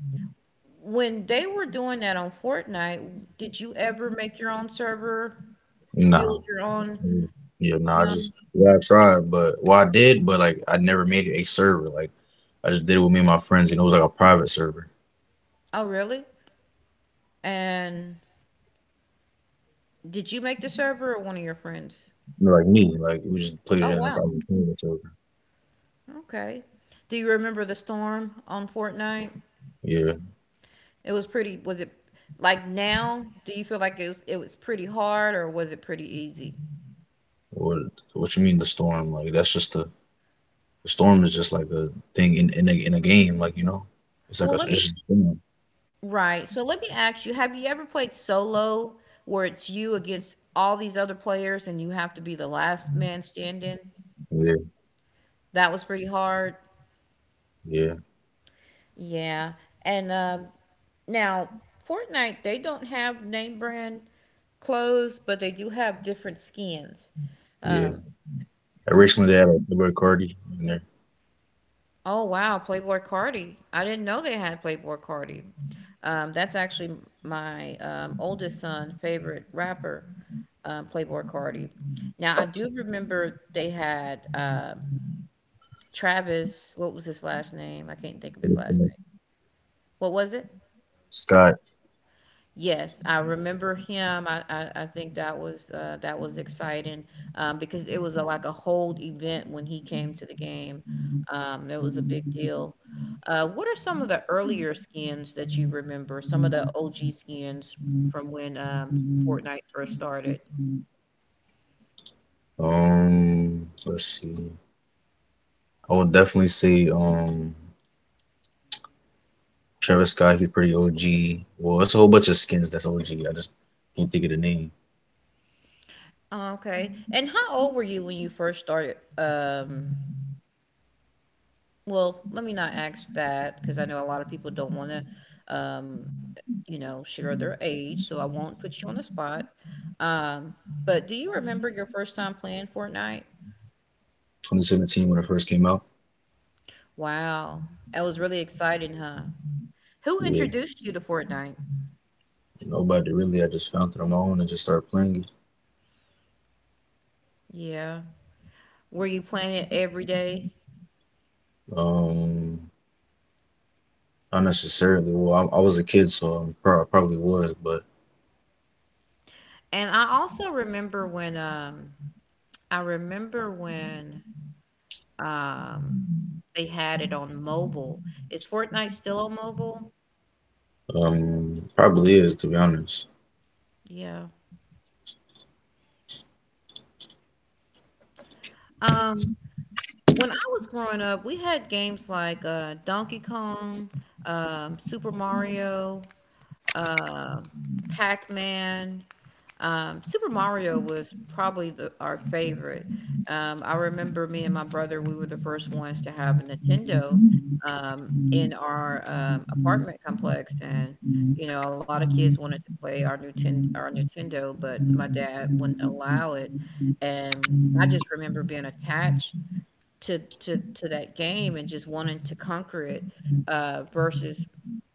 Speaker 1: when they were doing that on Fortnite, did you ever make your own server,
Speaker 2: nah.
Speaker 1: build your own?
Speaker 2: Mm, yeah, nah. I
Speaker 1: No.
Speaker 2: just yeah, I tried, but well, I did, but like I never made it a server. Like I just did it with me and my friends, and it was like a private server.
Speaker 1: Oh, really? And did you make the server or one of your friends?
Speaker 2: Like me, like we just played it
Speaker 1: Oh,
Speaker 2: in a
Speaker 1: wow.
Speaker 2: private game or server.
Speaker 1: Okay. Do you remember the storm on Fortnite?
Speaker 2: Yeah.
Speaker 1: It was pretty, was it like now? Do you feel like it was it was pretty hard, or was it pretty easy?
Speaker 2: What what you mean the storm? Like that's just the, the storm is just like a thing in in a in a game. Like you know, it's like a
Speaker 1: Well,
Speaker 2: it's
Speaker 1: let me—
Speaker 2: just a thing.
Speaker 1: Right. So let me ask you, have you ever played solo, where it's you against all these other players and you have to be the last man standing?
Speaker 2: Yeah,
Speaker 1: That was pretty hard.
Speaker 2: yeah,
Speaker 1: Yeah. And um, now Fortnite, they don't have name brand clothes, but they do have different skins.
Speaker 2: yeah.
Speaker 1: Um,
Speaker 2: Originally, they had like Roy Cardi in there.
Speaker 1: Oh wow, Playboy Cardi. I didn't know they had Playboy Cardi. Um, that's actually my um, oldest son' favorite rapper, um, Playboy Cardi. Now I do remember they had uh, Travis. What was his last name? I can't think of
Speaker 2: But
Speaker 1: his
Speaker 2: it's,
Speaker 1: last
Speaker 2: uh,
Speaker 1: name. What was it?
Speaker 2: Scott.
Speaker 1: Yes, I remember him. I, I, I think that was uh, that was exciting um, because it was a, like a whole event when he came to the game. Um, it was a big deal. Uh, what are some of the earlier skins that you remember? Some of the O G skins from when um, Fortnite first started.
Speaker 2: Um, let's see. I would definitely say um Travis Scott. He's pretty O G. Well, it's a whole bunch of skins that's O G. I just can't think of the name.
Speaker 1: Oh, okay. And how old were you when you first started? Um, Well, let me not ask that, because I know a lot of people don't want to, um, you know, share their age, so I won't put you on the spot. Um, but do you remember your first time playing Fortnite?
Speaker 2: twenty seventeen when it first came out.
Speaker 1: Wow, that was really exciting, huh? Who
Speaker 2: Yeah,
Speaker 1: introduced you to Fortnite?
Speaker 2: nobody really. I just found it on my own and just started playing it.
Speaker 1: Yeah. Were you playing it every day?
Speaker 2: Um, not necessarily. Well, I, I was a kid, so I prob- probably was, but
Speaker 1: And I also remember when um I remember when um they had it on mobile. Is Fortnite still on mobile?
Speaker 2: um, probably is to be honest.
Speaker 1: Yeah. Um When I was growing up, we had games like uh, Donkey Kong, um, Super Mario, uh, Pac-Man. Um, Super Mario was probably the, our favorite. Um, I remember me and my brother, we were the first ones to have a Nintendo um, in our um, apartment complex, and you know, a lot of kids wanted to play our Nintendo, our Nintendo, but my dad wouldn't allow it. And I just remember being attached to to to that game and just wanting to conquer it uh versus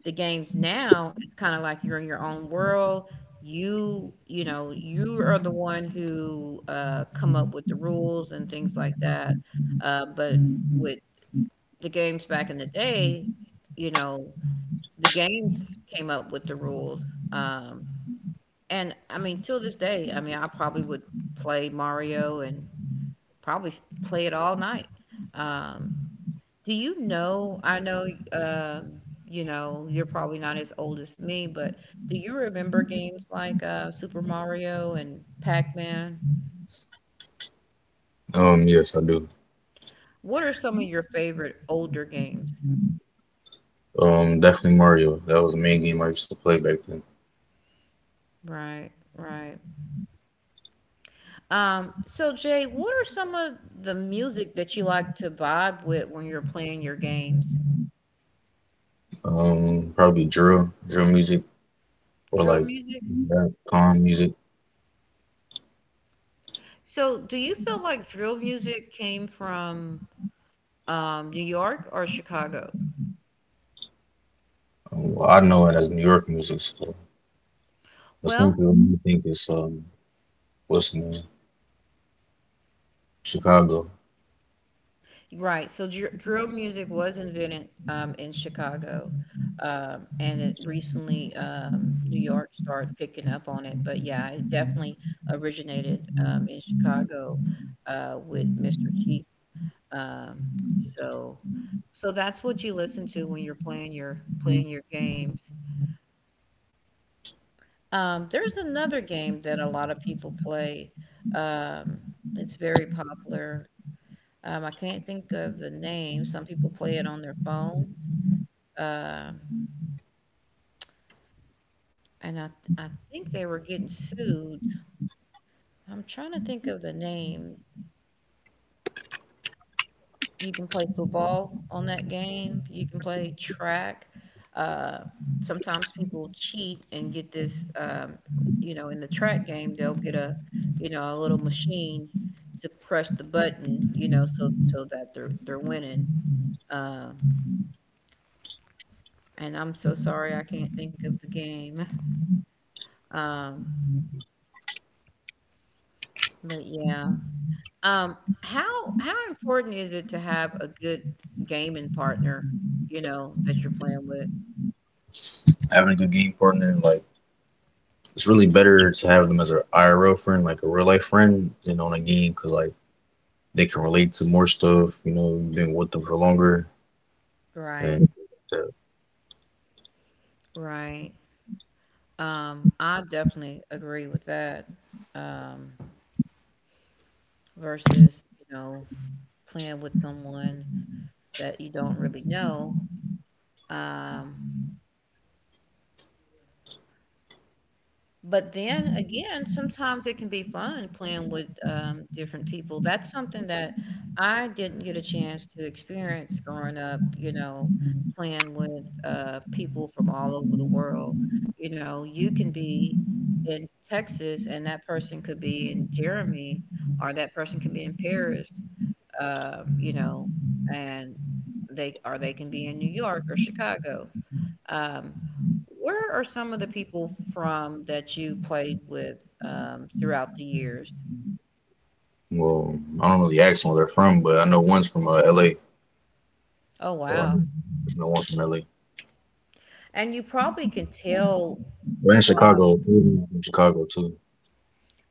Speaker 1: the games now. It's kind of like you're in your own world. you you know, you are the one who uh come up with the rules and things like that, uh but with the games back in the day, you know, the games came up with the rules. Um and I mean, till this day, I mean, I probably would play Mario and probably s- play it all night. Do you know? I know, um, you know, you're probably not as old as me, but do you remember games like uh, Super Mario and Pac-Man?
Speaker 2: Um, yes, I do.
Speaker 1: What are some of your favorite older games?
Speaker 2: Um, definitely Mario. That was the main game I used to play back then.
Speaker 1: Right, right. Um, so Jay, what are some of the music that you like to vibe with when you're playing your games?
Speaker 2: Um, probably drill, drill music, or
Speaker 1: Drill
Speaker 2: like
Speaker 1: music?
Speaker 2: that calm music.
Speaker 1: So do you feel like drill music came from um, New York or Chicago?
Speaker 2: Um, well, I know it as New York music, so but some
Speaker 1: Well,
Speaker 2: people may think it's um, what's the name? Chicago.
Speaker 1: right. So dr drill music was invented um, in Chicago, um, and it recently um, New York started picking up on it. But yeah, it definitely originated um, in Chicago uh, with Mister Cheap. Um, so, so that's what you listen to when you're playing your playing your games. Um, there's another game that a lot of people play. Um, it's very popular. Um, I can't think of the name. Some people play it on their phones. Um, and I I think they were getting sued. I'm trying to think of the name. You can play football on that game. You can play track. Uh, sometimes people cheat and get this. Um, you know, in the track game, they'll get a, you know, a little machine to press the button. You know, so so that they're they're winning. Um, and I'm so sorry I can't think of the game. Um, but yeah. Um, how how important is it to have a good gaming partner, you know, that you're playing with?
Speaker 2: Having a good game partner, like it's really better to have them as an I R L friend, like a real life friend, than on a game, cause like they can relate to more stuff. You know, you've been with them for longer,
Speaker 1: Right,
Speaker 2: and uh,
Speaker 1: right. Um, I definitely agree with that. Um, versus, you know, playing with someone that you don't really know. Um, But then again, sometimes it can be fun playing with um, different people. That's something that I didn't get a chance to experience growing up, you know, playing with uh, people from all over the world. You know, you can be in Texas and that person could be in Jeremy, or that person can be in Paris, um, you know, and they or they can be in New York or Chicago. Um, where are some of the people from that you played with um, throughout the years?
Speaker 2: well, I don't really ask them where they're from, but I know one's from uh, L A.
Speaker 1: Oh,
Speaker 2: So I
Speaker 1: wow.
Speaker 2: know one's from L A.
Speaker 1: And you probably can tell
Speaker 2: We're in
Speaker 1: from,
Speaker 2: Chicago. Three from Chicago too.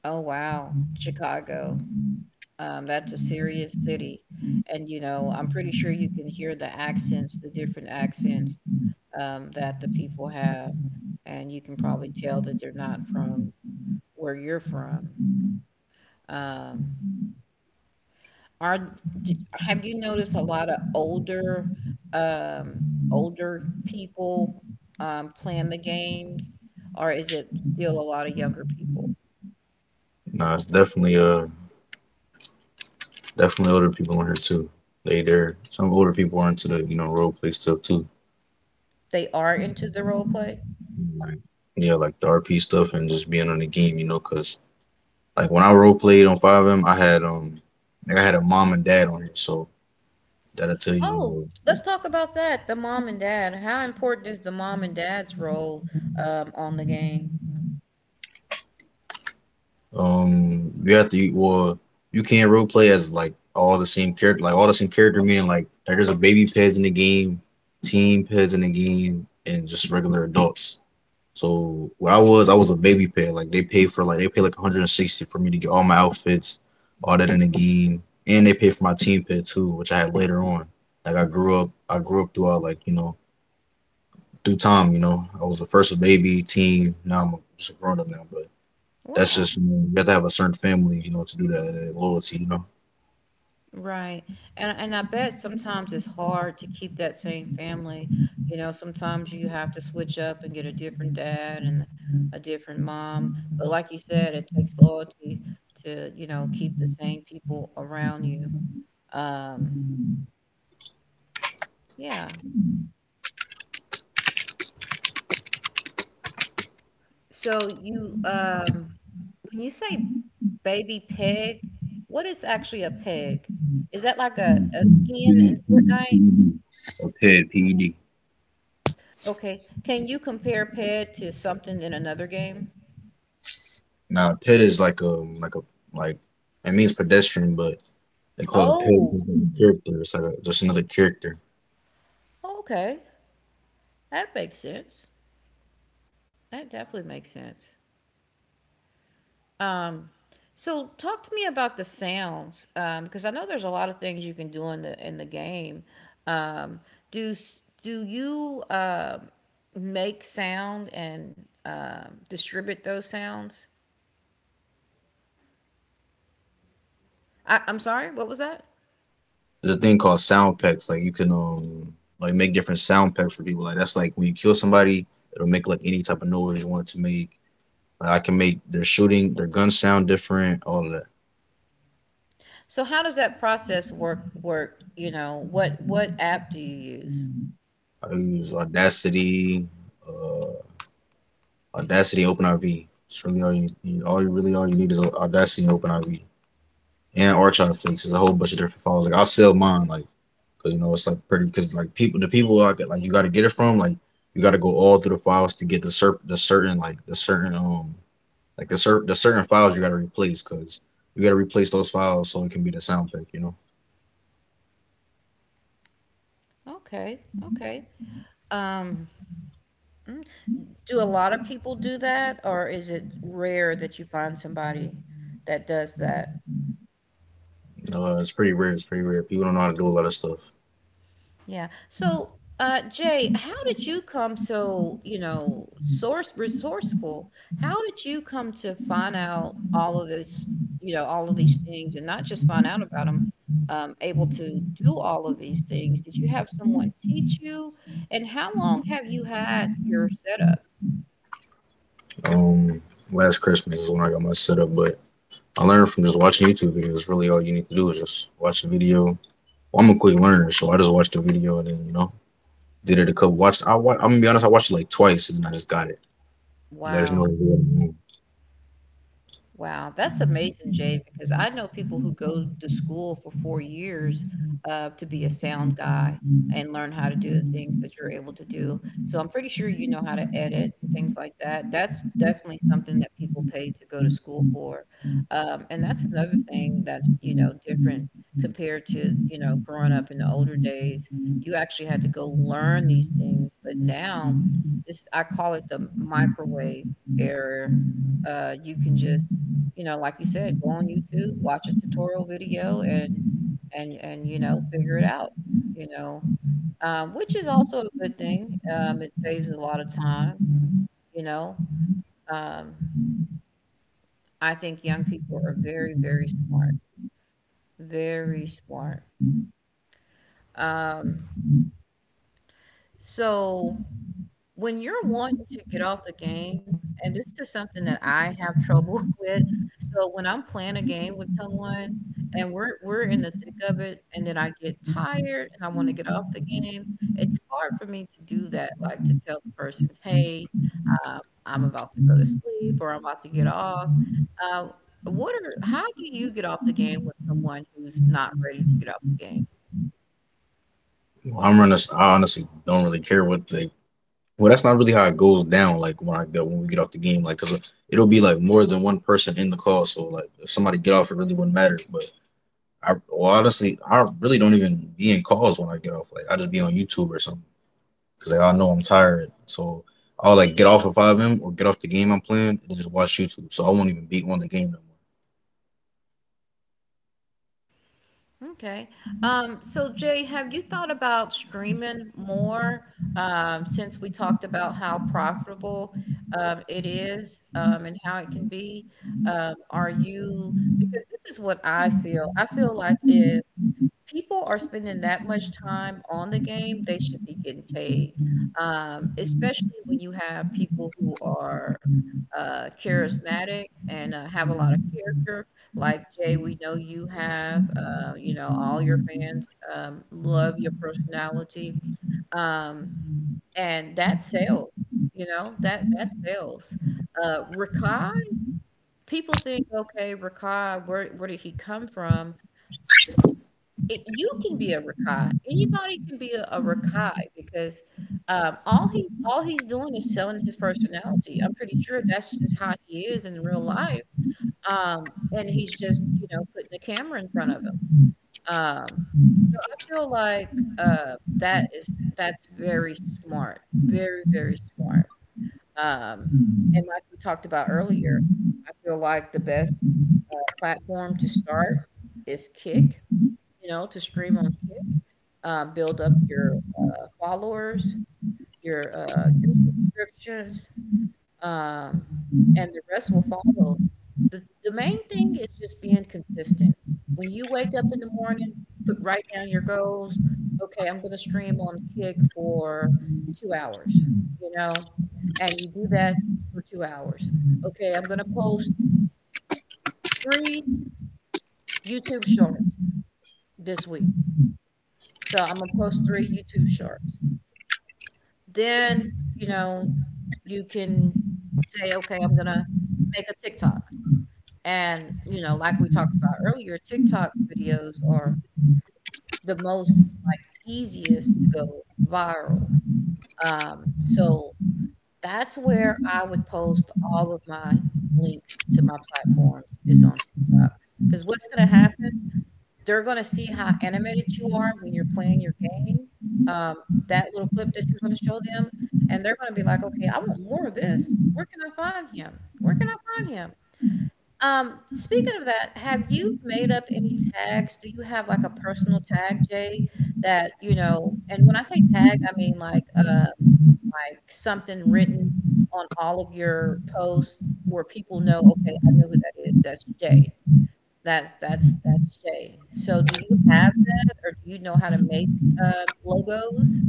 Speaker 1: oh, wow, Chicago. Um, that's a serious city. And, you know, I'm pretty sure you can hear the accents, the different accents um, that the people have. And you can probably tell that they're not from where you're from. Um, Are d- have you noticed a lot of older um, older people um, playing the games, or is it still a lot of younger people?
Speaker 2: Nah, it's definitely uh definitely older people on here too. They there. Some older people are into the you know role play stuff too.
Speaker 1: They are into the role play.
Speaker 2: Like yeah, like the R P stuff and just being on the game, you know, 'cause like when I role played on five M, I had um like I had a mom and dad on here, so that'll tell you, you know.
Speaker 1: Oh, let's talk about that. The mom and dad. How important is the mom and dad's role um, on the game?
Speaker 2: Um, you have to well, you can't role play as like all the same character, like all the same character meaning like like, there's a baby pets in the game, teen pets in the game, and just regular adults. So what I was, I was a baby pet. Like they paid for like they paid like a hundred sixty for me to get all my outfits, all that in the game, and they paid for my teen pet too, which I had later on. Like I grew up, I grew up throughout like you know through time. You know, I was the first a baby teen. Now I'm just a grown up now, but. That's
Speaker 1: Wow.
Speaker 2: just you, know, you have to have a certain family, you know, to do that. uh, Loyalty, you know.
Speaker 1: Right, and and I bet sometimes it's hard to keep that same family, you know, sometimes you have to switch up and get a different dad and a different mom, but like you said, it takes loyalty to, you know, keep the same people around you, um, yeah. So you, um when you say baby pig, what is actually a pig? Is that like a a
Speaker 2: Mm,
Speaker 1: skin
Speaker 2: PED.
Speaker 1: in Fortnite?
Speaker 2: PED, PED. P E D.
Speaker 1: Okay, can you compare pig to something in another game?
Speaker 2: Now, a PED is like a like a like it means pedestrian, but they call it P E D
Speaker 1: Oh!
Speaker 2: because of the character. It's like a, just another character.
Speaker 1: Okay, that makes sense. That definitely makes sense. Um, so talk to me about the sounds, um, because I know there's a lot of things you can do in the in the game. Um, do s- do you um make sound and um, distribute those sounds? I, I'm sorry, what was that?
Speaker 2: There's a thing called sound packs. Like you can um like make different sound packs for people. Like that's like when you kill somebody, it'll make like any type of noise you want it to make. Like I can make their shooting, their gun sound different, all of that.
Speaker 1: So how does that process work? Work, you know, what what app do you use?
Speaker 2: I use Audacity. uh, Audacity and OpenRV. It's really all you need. All you really all you need is Audacity and OpenRV and Archive Fix. There's a whole bunch of different files. Like I sell mine, like because you know it's like pretty because like people the people I like you got to get it from like you got to go all through the files to get the cert the certain like the certain um like the cert the certain files you got to replace because you got to replace those files so it can be the sound pick. You
Speaker 1: Okay, okay. Um. Do a lot of people do that, or is it rare that you find somebody that does that?
Speaker 2: know, uh, it's pretty rare. It's pretty rare. People don't know how to do a lot of stuff.
Speaker 1: Yeah. So, uh, Jay, how did you come so, you know, source resourceful? How did you come to find out all of this, you know, all of these things, and not just find out about them, um, able to do all of these things? Did you have someone teach you? And how long have you had your setup?
Speaker 2: Um, Last Christmas is when I got my setup, but. I learned from just watching YouTube videos. Really, all you need to do is just watch the video. Well, I'm a quick learner, so I just watched the video and then you know did it a couple. Watched I I'm gonna be honest, I watched it like twice and then I just got it. I just
Speaker 1: Wow.
Speaker 2: know it.
Speaker 1: Wow, that's amazing, Jay, because I know people who go to school for four years uh, to be a sound guy and learn how to do the things that you're able to do. So I'm pretty sure you know how to edit and things like that. That's definitely something that people pay to go to school for. Um, and that's another thing that's, you know, different compared to, you know, growing up in the older days. You actually had to go learn these things, but now this I call it the microwave era. Uh, you can just, you know, like you said, go on YouTube, watch a tutorial video, and and and, you know, figure it out, you know, um, which is also a good thing. Um, it saves a lot of time, you know, um, I think young people are very, very smart, very smart. Um, so when you're wanting to get off the game, and this is something that I have trouble with, so when I'm playing a game with someone and we're we're in the thick of it, and then I get tired and I wanna get off the game, it's hard for me to do that, like, to tell the person, "Hey, um, I'm about to go to sleep or I'm about to get off." Uh, what are how do you get off the game with someone who's not ready to get off the game?
Speaker 2: Well, I'm honest. I honestly don't really care what they well, that's not really how it goes down. Like when I get when we get off the game, like because it'll be like more than one person in the call. So like if somebody get off, it really wouldn't matter. But I well, honestly, I really don't even be in calls when I get off. Like I just be on YouTube or something because like I know I'm tired. So I'll like get off if I am or get off the game I'm playing and just watch YouTube. So I won't even be on the game no more.
Speaker 1: Okay. Um, so Jay, have you thought about streaming more um, since we talked about how profitable um, it is um, and how it can be? Um, are you, because this is what I feel. I feel like if people are spending that much time on the game, they should be getting paid, um, especially when you have people who are, uh, charismatic and, uh, have a lot of character. Like, Jay, we know you have, uh, you know, all your fans, um, love your personality, um, and that sells, you know, that that sells. Uh, Rakai, people think, "Okay, Rakai, where where did he come from?" It You can be a rakai. Anybody can be a a rakai because, um, all he all he's doing is selling his personality. I'm pretty sure that's just how he is in real life, um, and he's just, you know, putting the camera in front of him. Um, so I feel like, uh, that is that's very smart, very, very smart. Um, and like we talked about earlier, I feel like the best, uh, platform to start is Kick, you know, to stream on Kick, um, build up your, uh, followers, your, uh, your subscriptions, um, and the rest will follow. The the main thing is just being consistent. When you wake up in the morning, put write down your goals. "Okay, I'm gonna stream on Kick for two hours," you know, and you do that for two hours. "Okay, I'm gonna post three YouTube Shorts this week." So I'm gonna post three YouTube Shorts. Then, you know, you can say, "Okay, I'm gonna make a TikTok." And, you know, like we talked about earlier, TikTok videos are the most, like, easiest to go viral. Um, so that's where I would post all of my links to my platforms is on TikTok, because what's gonna happen, they're gonna see how animated you are when you're playing your game, um, that little clip that you're gonna show them, and they're gonna be like, "Okay, I want more of this. Where can I find him? Where can I find him?" Um, speaking of that, have you made up any tags? Do you have, like, a personal tag, Jay, that, you know and when I say tag, I mean, like, um, like something written on all of your posts where people know, "Okay, I know who that is. That's Jay." That that's that's Shay. So do you have that or do you know how to make, uh, logos?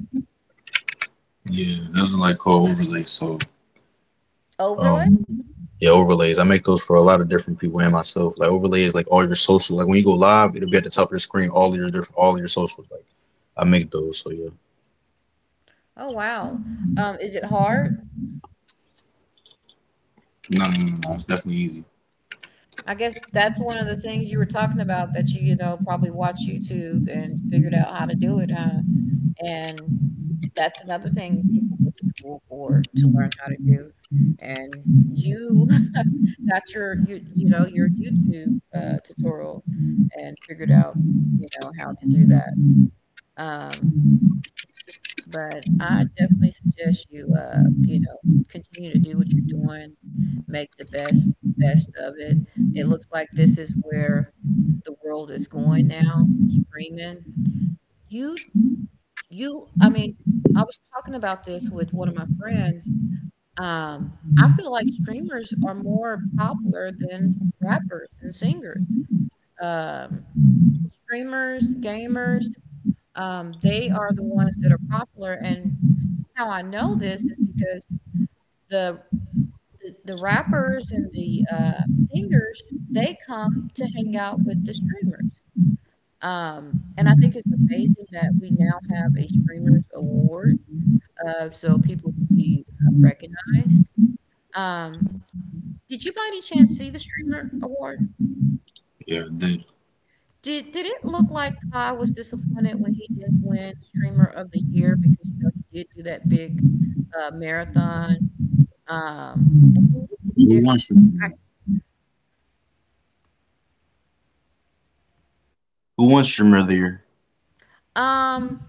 Speaker 2: Yeah, it doesn't like call overlay, so
Speaker 1: Overlay?
Speaker 2: Um, yeah, overlays. I make those for a lot of different people and myself. Like overlays, like all your social. Like when you go live, it'll be at the top of your screen. All your different, all your socials. Like I make those. So yeah.
Speaker 1: Oh, wow. Um, is it hard?
Speaker 2: No, no, no, no, it's definitely easy.
Speaker 1: I guess that's one of the things you were talking about that you, you know, probably watch YouTube and figured out how to do it, huh? And that's another thing people go to school for to learn how to do. And you got your you you know, your YouTube, uh, tutorial and figured out, you know, how to do that. Um But I definitely suggest you, uh, you know, continue to do what you're doing, make the best best of it. It looks like this is where the world is going now, streaming. You you I mean, I was talking about this with one of my friends. Um, I feel like streamers are more popular than rappers and singers. Um, streamers, gamers, um, they are the ones that are popular, and how I know this is because the the the rappers and the, uh, singers, they come to hang out with the streamers, um, and I think it's amazing that we now have a streamers award, uh, so people can be, uh, recognized. Um, did you by any chance see the streamer award?
Speaker 2: Yeah, dude.
Speaker 1: Did did it look like Kai was disappointed when he did win Streamer of the Year, because, you know, he did do that big, uh, marathon, um, and he looked
Speaker 2: Who
Speaker 1: different.
Speaker 2: wants streamer? Who wants streamer there?
Speaker 1: Um,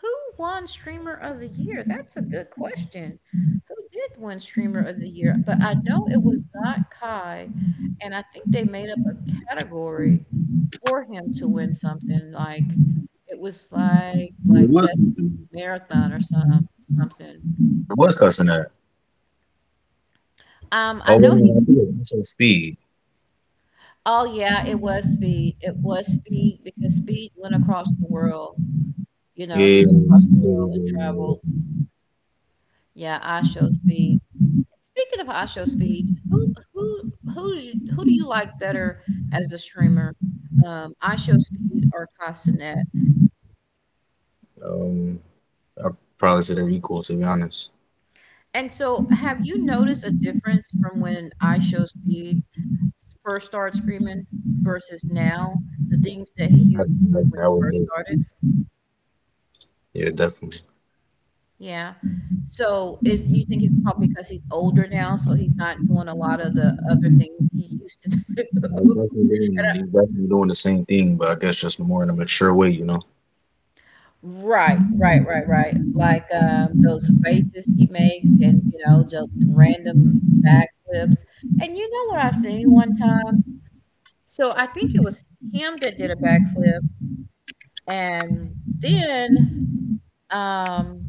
Speaker 1: who won Streamer of the Year? That's a good question. Who did win Streamer of the Year? But I know it was not Kai, and I think they made up a category for him to win something like it was like
Speaker 2: Who
Speaker 1: like
Speaker 2: was
Speaker 1: best
Speaker 2: cussing?
Speaker 1: marathon or some something.
Speaker 2: Who was cussing that?
Speaker 1: Um, I
Speaker 2: Oh,
Speaker 1: know
Speaker 2: wait,
Speaker 1: he.
Speaker 2: no, I did. I said speed.
Speaker 1: Oh yeah, it was Speed. It was Speed because Speed went across the world. You know,
Speaker 2: Yeah,
Speaker 1: he
Speaker 2: yeah,
Speaker 1: went across the
Speaker 2: yeah,
Speaker 1: world and
Speaker 2: yeah,
Speaker 1: traveled.
Speaker 2: yeah.
Speaker 1: Yeah, I show Speed. Speaking of Osho Speed, who who who's who do you like better as a streamer, um, Osho Speed or Castanet?
Speaker 2: Um, I probably said they're equal to be honest.
Speaker 1: And so, have you noticed a difference from when Osho Speed first started streaming versus now, the things that he used
Speaker 2: That,
Speaker 1: to do
Speaker 2: that,
Speaker 1: when he
Speaker 2: that would
Speaker 1: first
Speaker 2: be.
Speaker 1: started?
Speaker 2: Yeah, definitely.
Speaker 1: Yeah. So, is you think it's probably because he's older now, so he's not doing a lot of the other things he used to do?
Speaker 2: He's definitely
Speaker 1: And
Speaker 2: doing, he's definitely doing the same thing, but I guess just more in a mature way, you know.
Speaker 1: Right, right, right, right. Like, um, those faces he makes and, you know, just random backflips. And you know what I seen one time? So I think it was him that did a backflip and then, um,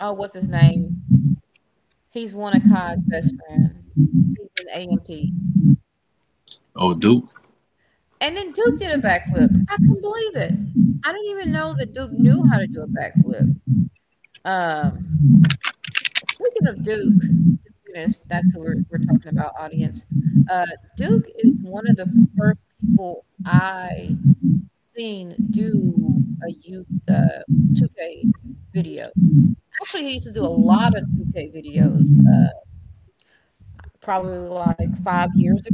Speaker 1: oh, what's his name? He's one of Kai's best friend. He's an A M P
Speaker 2: Oh, Duke?
Speaker 1: and And then Duke did a backflip. I couldn't believe it. I didn't even know that Duke knew how to do a backflip. Um Speaking of Duke, Duke-ness, that's who we're, we're talking about, audience. Uh, Duke is one of the first people I seen do a youth uh, two K video. Actually, he used to do a lot of two K videos, uh, probably like five years ago.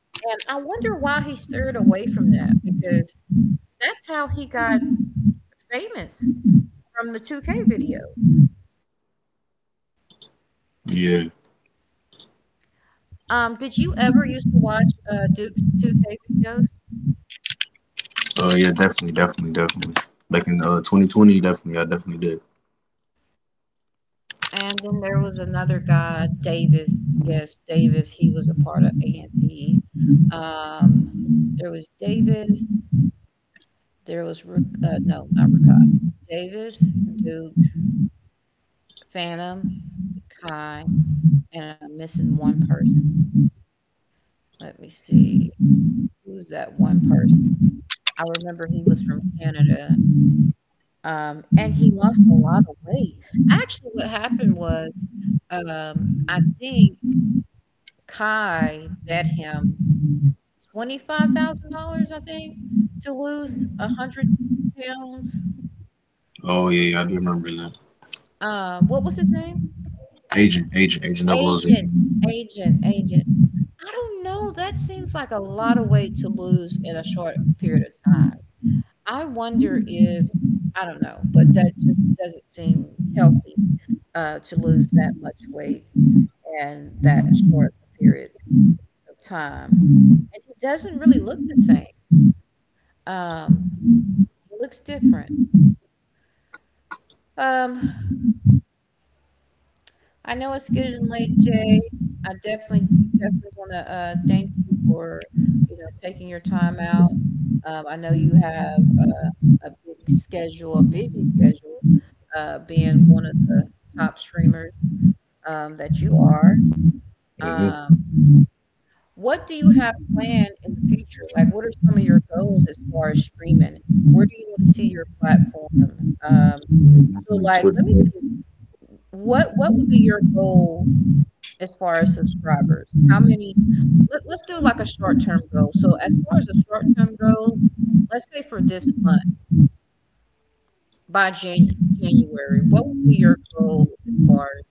Speaker 1: And I wonder why he steered away from that because that's how he got famous from the two K videos.
Speaker 2: Yeah.
Speaker 1: Um, did you ever used to watch uh, Duke's two K videos?
Speaker 2: Oh, yeah, definitely, definitely, definitely. Back in uh, twenty twenty, definitely, I definitely did.
Speaker 1: And then there was another guy, Davis. Yes, Davis. He was a part of A M P. Um, there was Davis. There was Rick, uh, no, not Rickard. Davis, Duke, Phantom, Kai, and I'm missing one person. Let me see. Who's that one person? I remember he was from Canada. Um, and he lost a lot of weight. Actually, what happened was, um, I think Kai bet him twenty-five thousand dollars I think, to lose one hundred pounds.
Speaker 2: Oh, yeah, yeah, I do remember that.
Speaker 1: Uh, what was his name?
Speaker 2: Agent, agent, agent
Speaker 1: Agent,
Speaker 2: oh oh seven.
Speaker 1: agent, agent. I don't know. That seems like a lot of weight to lose in a short period of time. I wonder if, I don't know, but that just doesn't seem healthy, uh, to lose that much weight in that short period of time. And he doesn't really look the same. Um, he looks different. Um, I know it's getting late, Jay. I definitely, definitely want to uh, thank you for, you know, taking your time out. Um, I know you have uh, a big schedule, a busy schedule, uh, being one of the top streamers um, that you are. Um,
Speaker 2: Mm-hmm.
Speaker 1: what do you have planned in the future? Like, what are some of your goals as far as streaming? Where do you want to see your platform? Um, so,
Speaker 2: Definitely
Speaker 1: like,
Speaker 2: Twitch.
Speaker 1: let me see. What what would be your goal as far as subscribers? How many? Let, let's do like a short term goal. So, as far as a short term goal, let's say for this month, by Jan- January, what would be your goal as far as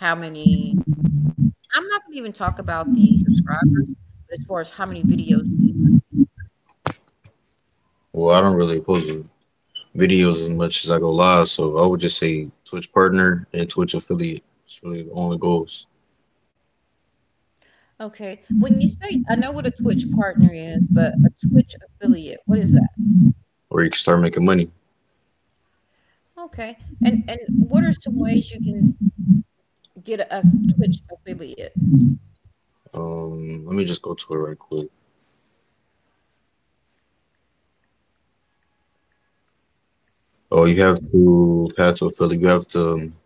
Speaker 1: how many? I'm not going to even talk about the subscribers, but as far as how many videos do you want
Speaker 2: Well, I don't really post videos as much as I go live, so I would just say Twitch partner and Twitch affiliate. It's really the only goals
Speaker 1: to? Okay. When you say, I know what a Twitch partner is, but a Twitch affiliate, what is that?
Speaker 2: where you can start making money.
Speaker 1: Okay. And and what are some ways you can get a Twitch affiliate?
Speaker 2: Um, let me just go to it right quick. Oh, you have to path to affiliate. You have to um,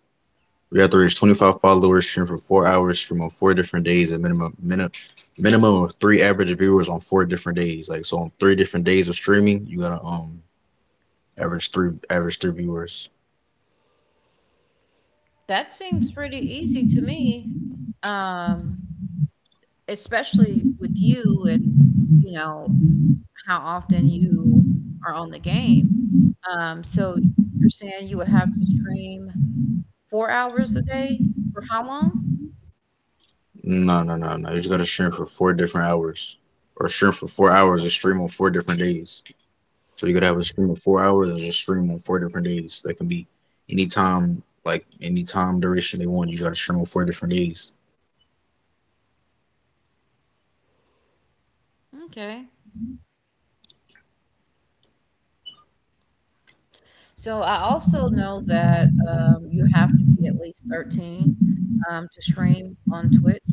Speaker 2: we have to reach twenty-five followers, stream for four hours, stream on four different days, and minimum minimum minimum of three average viewers on four different days. Like so, on three different days of streaming, you gotta um average three average three viewers.
Speaker 1: That seems pretty easy to me, um, especially with you and, you know, how often you are on the game. Um, so you're saying you would have to stream four hours a day? For how long?
Speaker 2: No, no, no, no, you just gotta stream for four different hours, or stream for four hours and stream on four different days. So you gotta have a stream of four hours and just stream on four different days. That can be any time, like any time duration they want. You just gotta stream on four different days.
Speaker 1: Okay. So I also know that, um, you have to be at least thirteen, um, to stream on Twitch,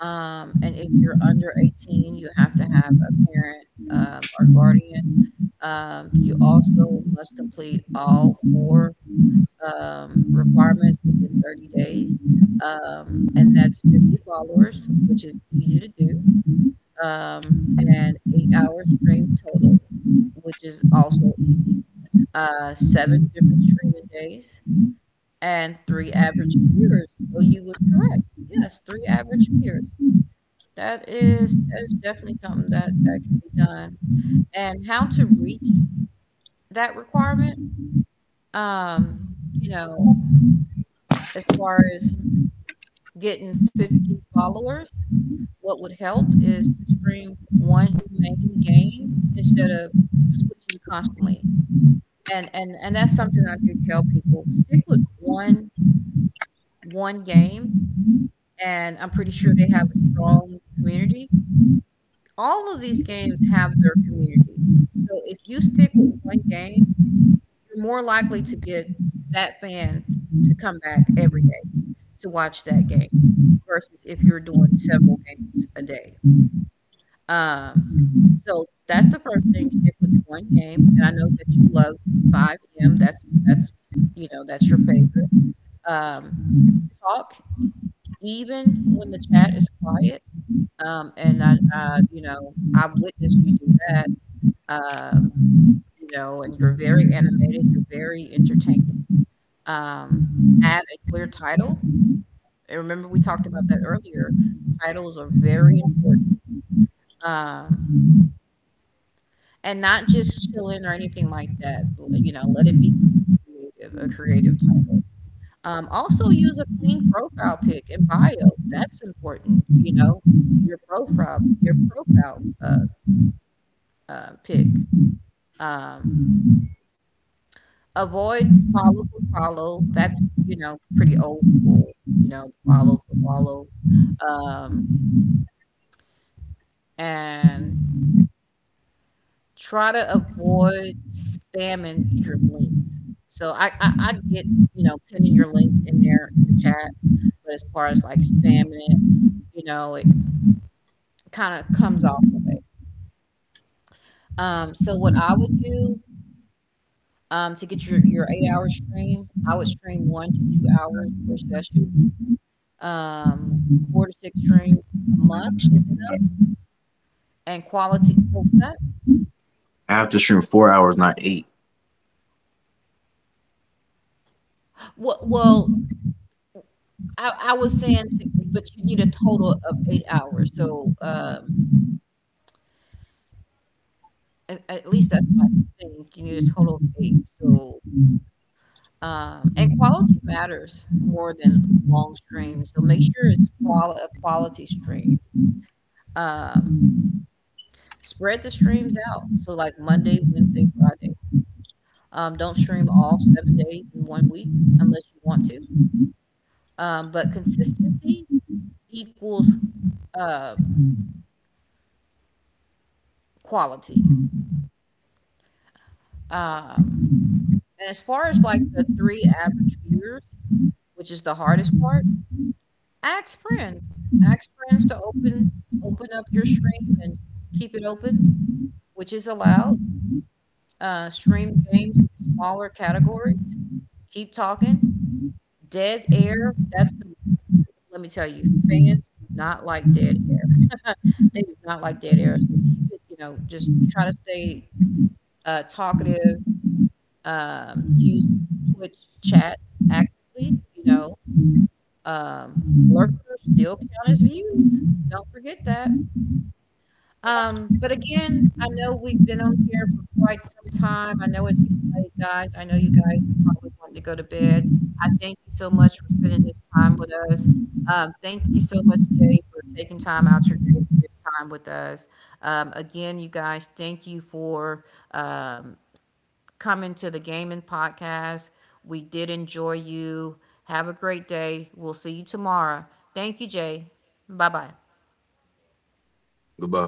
Speaker 1: um, and if you're under eighteen, you have to have a parent, um, or guardian. Um, you also must complete all four, um, requirements within thirty days. Um, and that's fifty followers, which is easy to do. Um, and eight hours stream total, which is also easy. Uh, seven different streaming days and three average viewers. So you was correct. Yes, three average viewers. That is that is definitely something that that can be done. And how to reach that requirement? Um, you know, as far as getting fifty followers, what would help is to stream one main game instead of switching constantly. And and and that's something I do tell people, stick with one one game, and I'm pretty sure they have a strong community. All of these games have their community. So if you stick with one game, you're more likely to get that fan to come back every day to watch that game. Versus if you're doing several games a day. Um, so that's the first thing, stick with one game, and I know that you love five M, that's that's, you know, that's your favorite. Um, talk even when the chat is quiet, um, and I, uh, you know, I've witnessed you do that, um, you know, and you're very animated, you're very entertaining. Um, add a clear title, and remember we talked about that earlier, titles are very important. Um, and not just chilling or anything like that, l you know, let it be something creative, a creative title. Um, also use a clean profile pic and bio, that's important, you know? Your profile your profile, uh, uh, pic. Um, Avoid follow for follow, that's, you know, pretty old school, you know, follow for follow. Um, and Try to avoid spamming your links. So I I I get, you know, pinning your links in there in the chat, but as far as, like, spamming it, you know, it kinda comes off the way. Um, so what I would do, um, to get your your eight-hour stream, I would stream one to two hours per session. Um, four to six streams a month is enough, and quality, what was that?
Speaker 2: I have to stream four hours, not eight.
Speaker 1: Well well, I I was saying to, but you need a total of eight hours. So, um, At at least that's what I think, you need a total of eight, so, um and quality matters more than long streams, so make sure it's quali a quality stream. Um, spread the streams out, so, like, Monday, Wednesday, Friday. Um, don't stream all seven days in one week unless you want to, um, but consistency equals um, quality. Um, and as far as, like, the three average viewers, which is the hardest part. Ask friends. Ask friends to open open up your stream and keep it open, which is allowed. Uh, stream games with smaller categories. Keep talking. Dead air. That's the. Let me tell you, fans do not like dead air. They do not like dead air. So keep it. You know, just try to stay uh, talkative. Um, use Twitch chat actively. You know, um, lurkers still count as views. Don't forget that. Um, but again, I know we've been on here for quite some time. I know it's getting late, guys. I know you guys are probably wanting to go to bed. I thank you so much for spending this time with us. Um, thank you so much, Jay, for taking time out your day to spend time with us. Um, again, you guys, thank you for um, coming to the Gaming Podcast. We did enjoy you. Have a great day. We'll see you tomorrow. Thank you, Jay. Bye bye.
Speaker 2: Goodbye.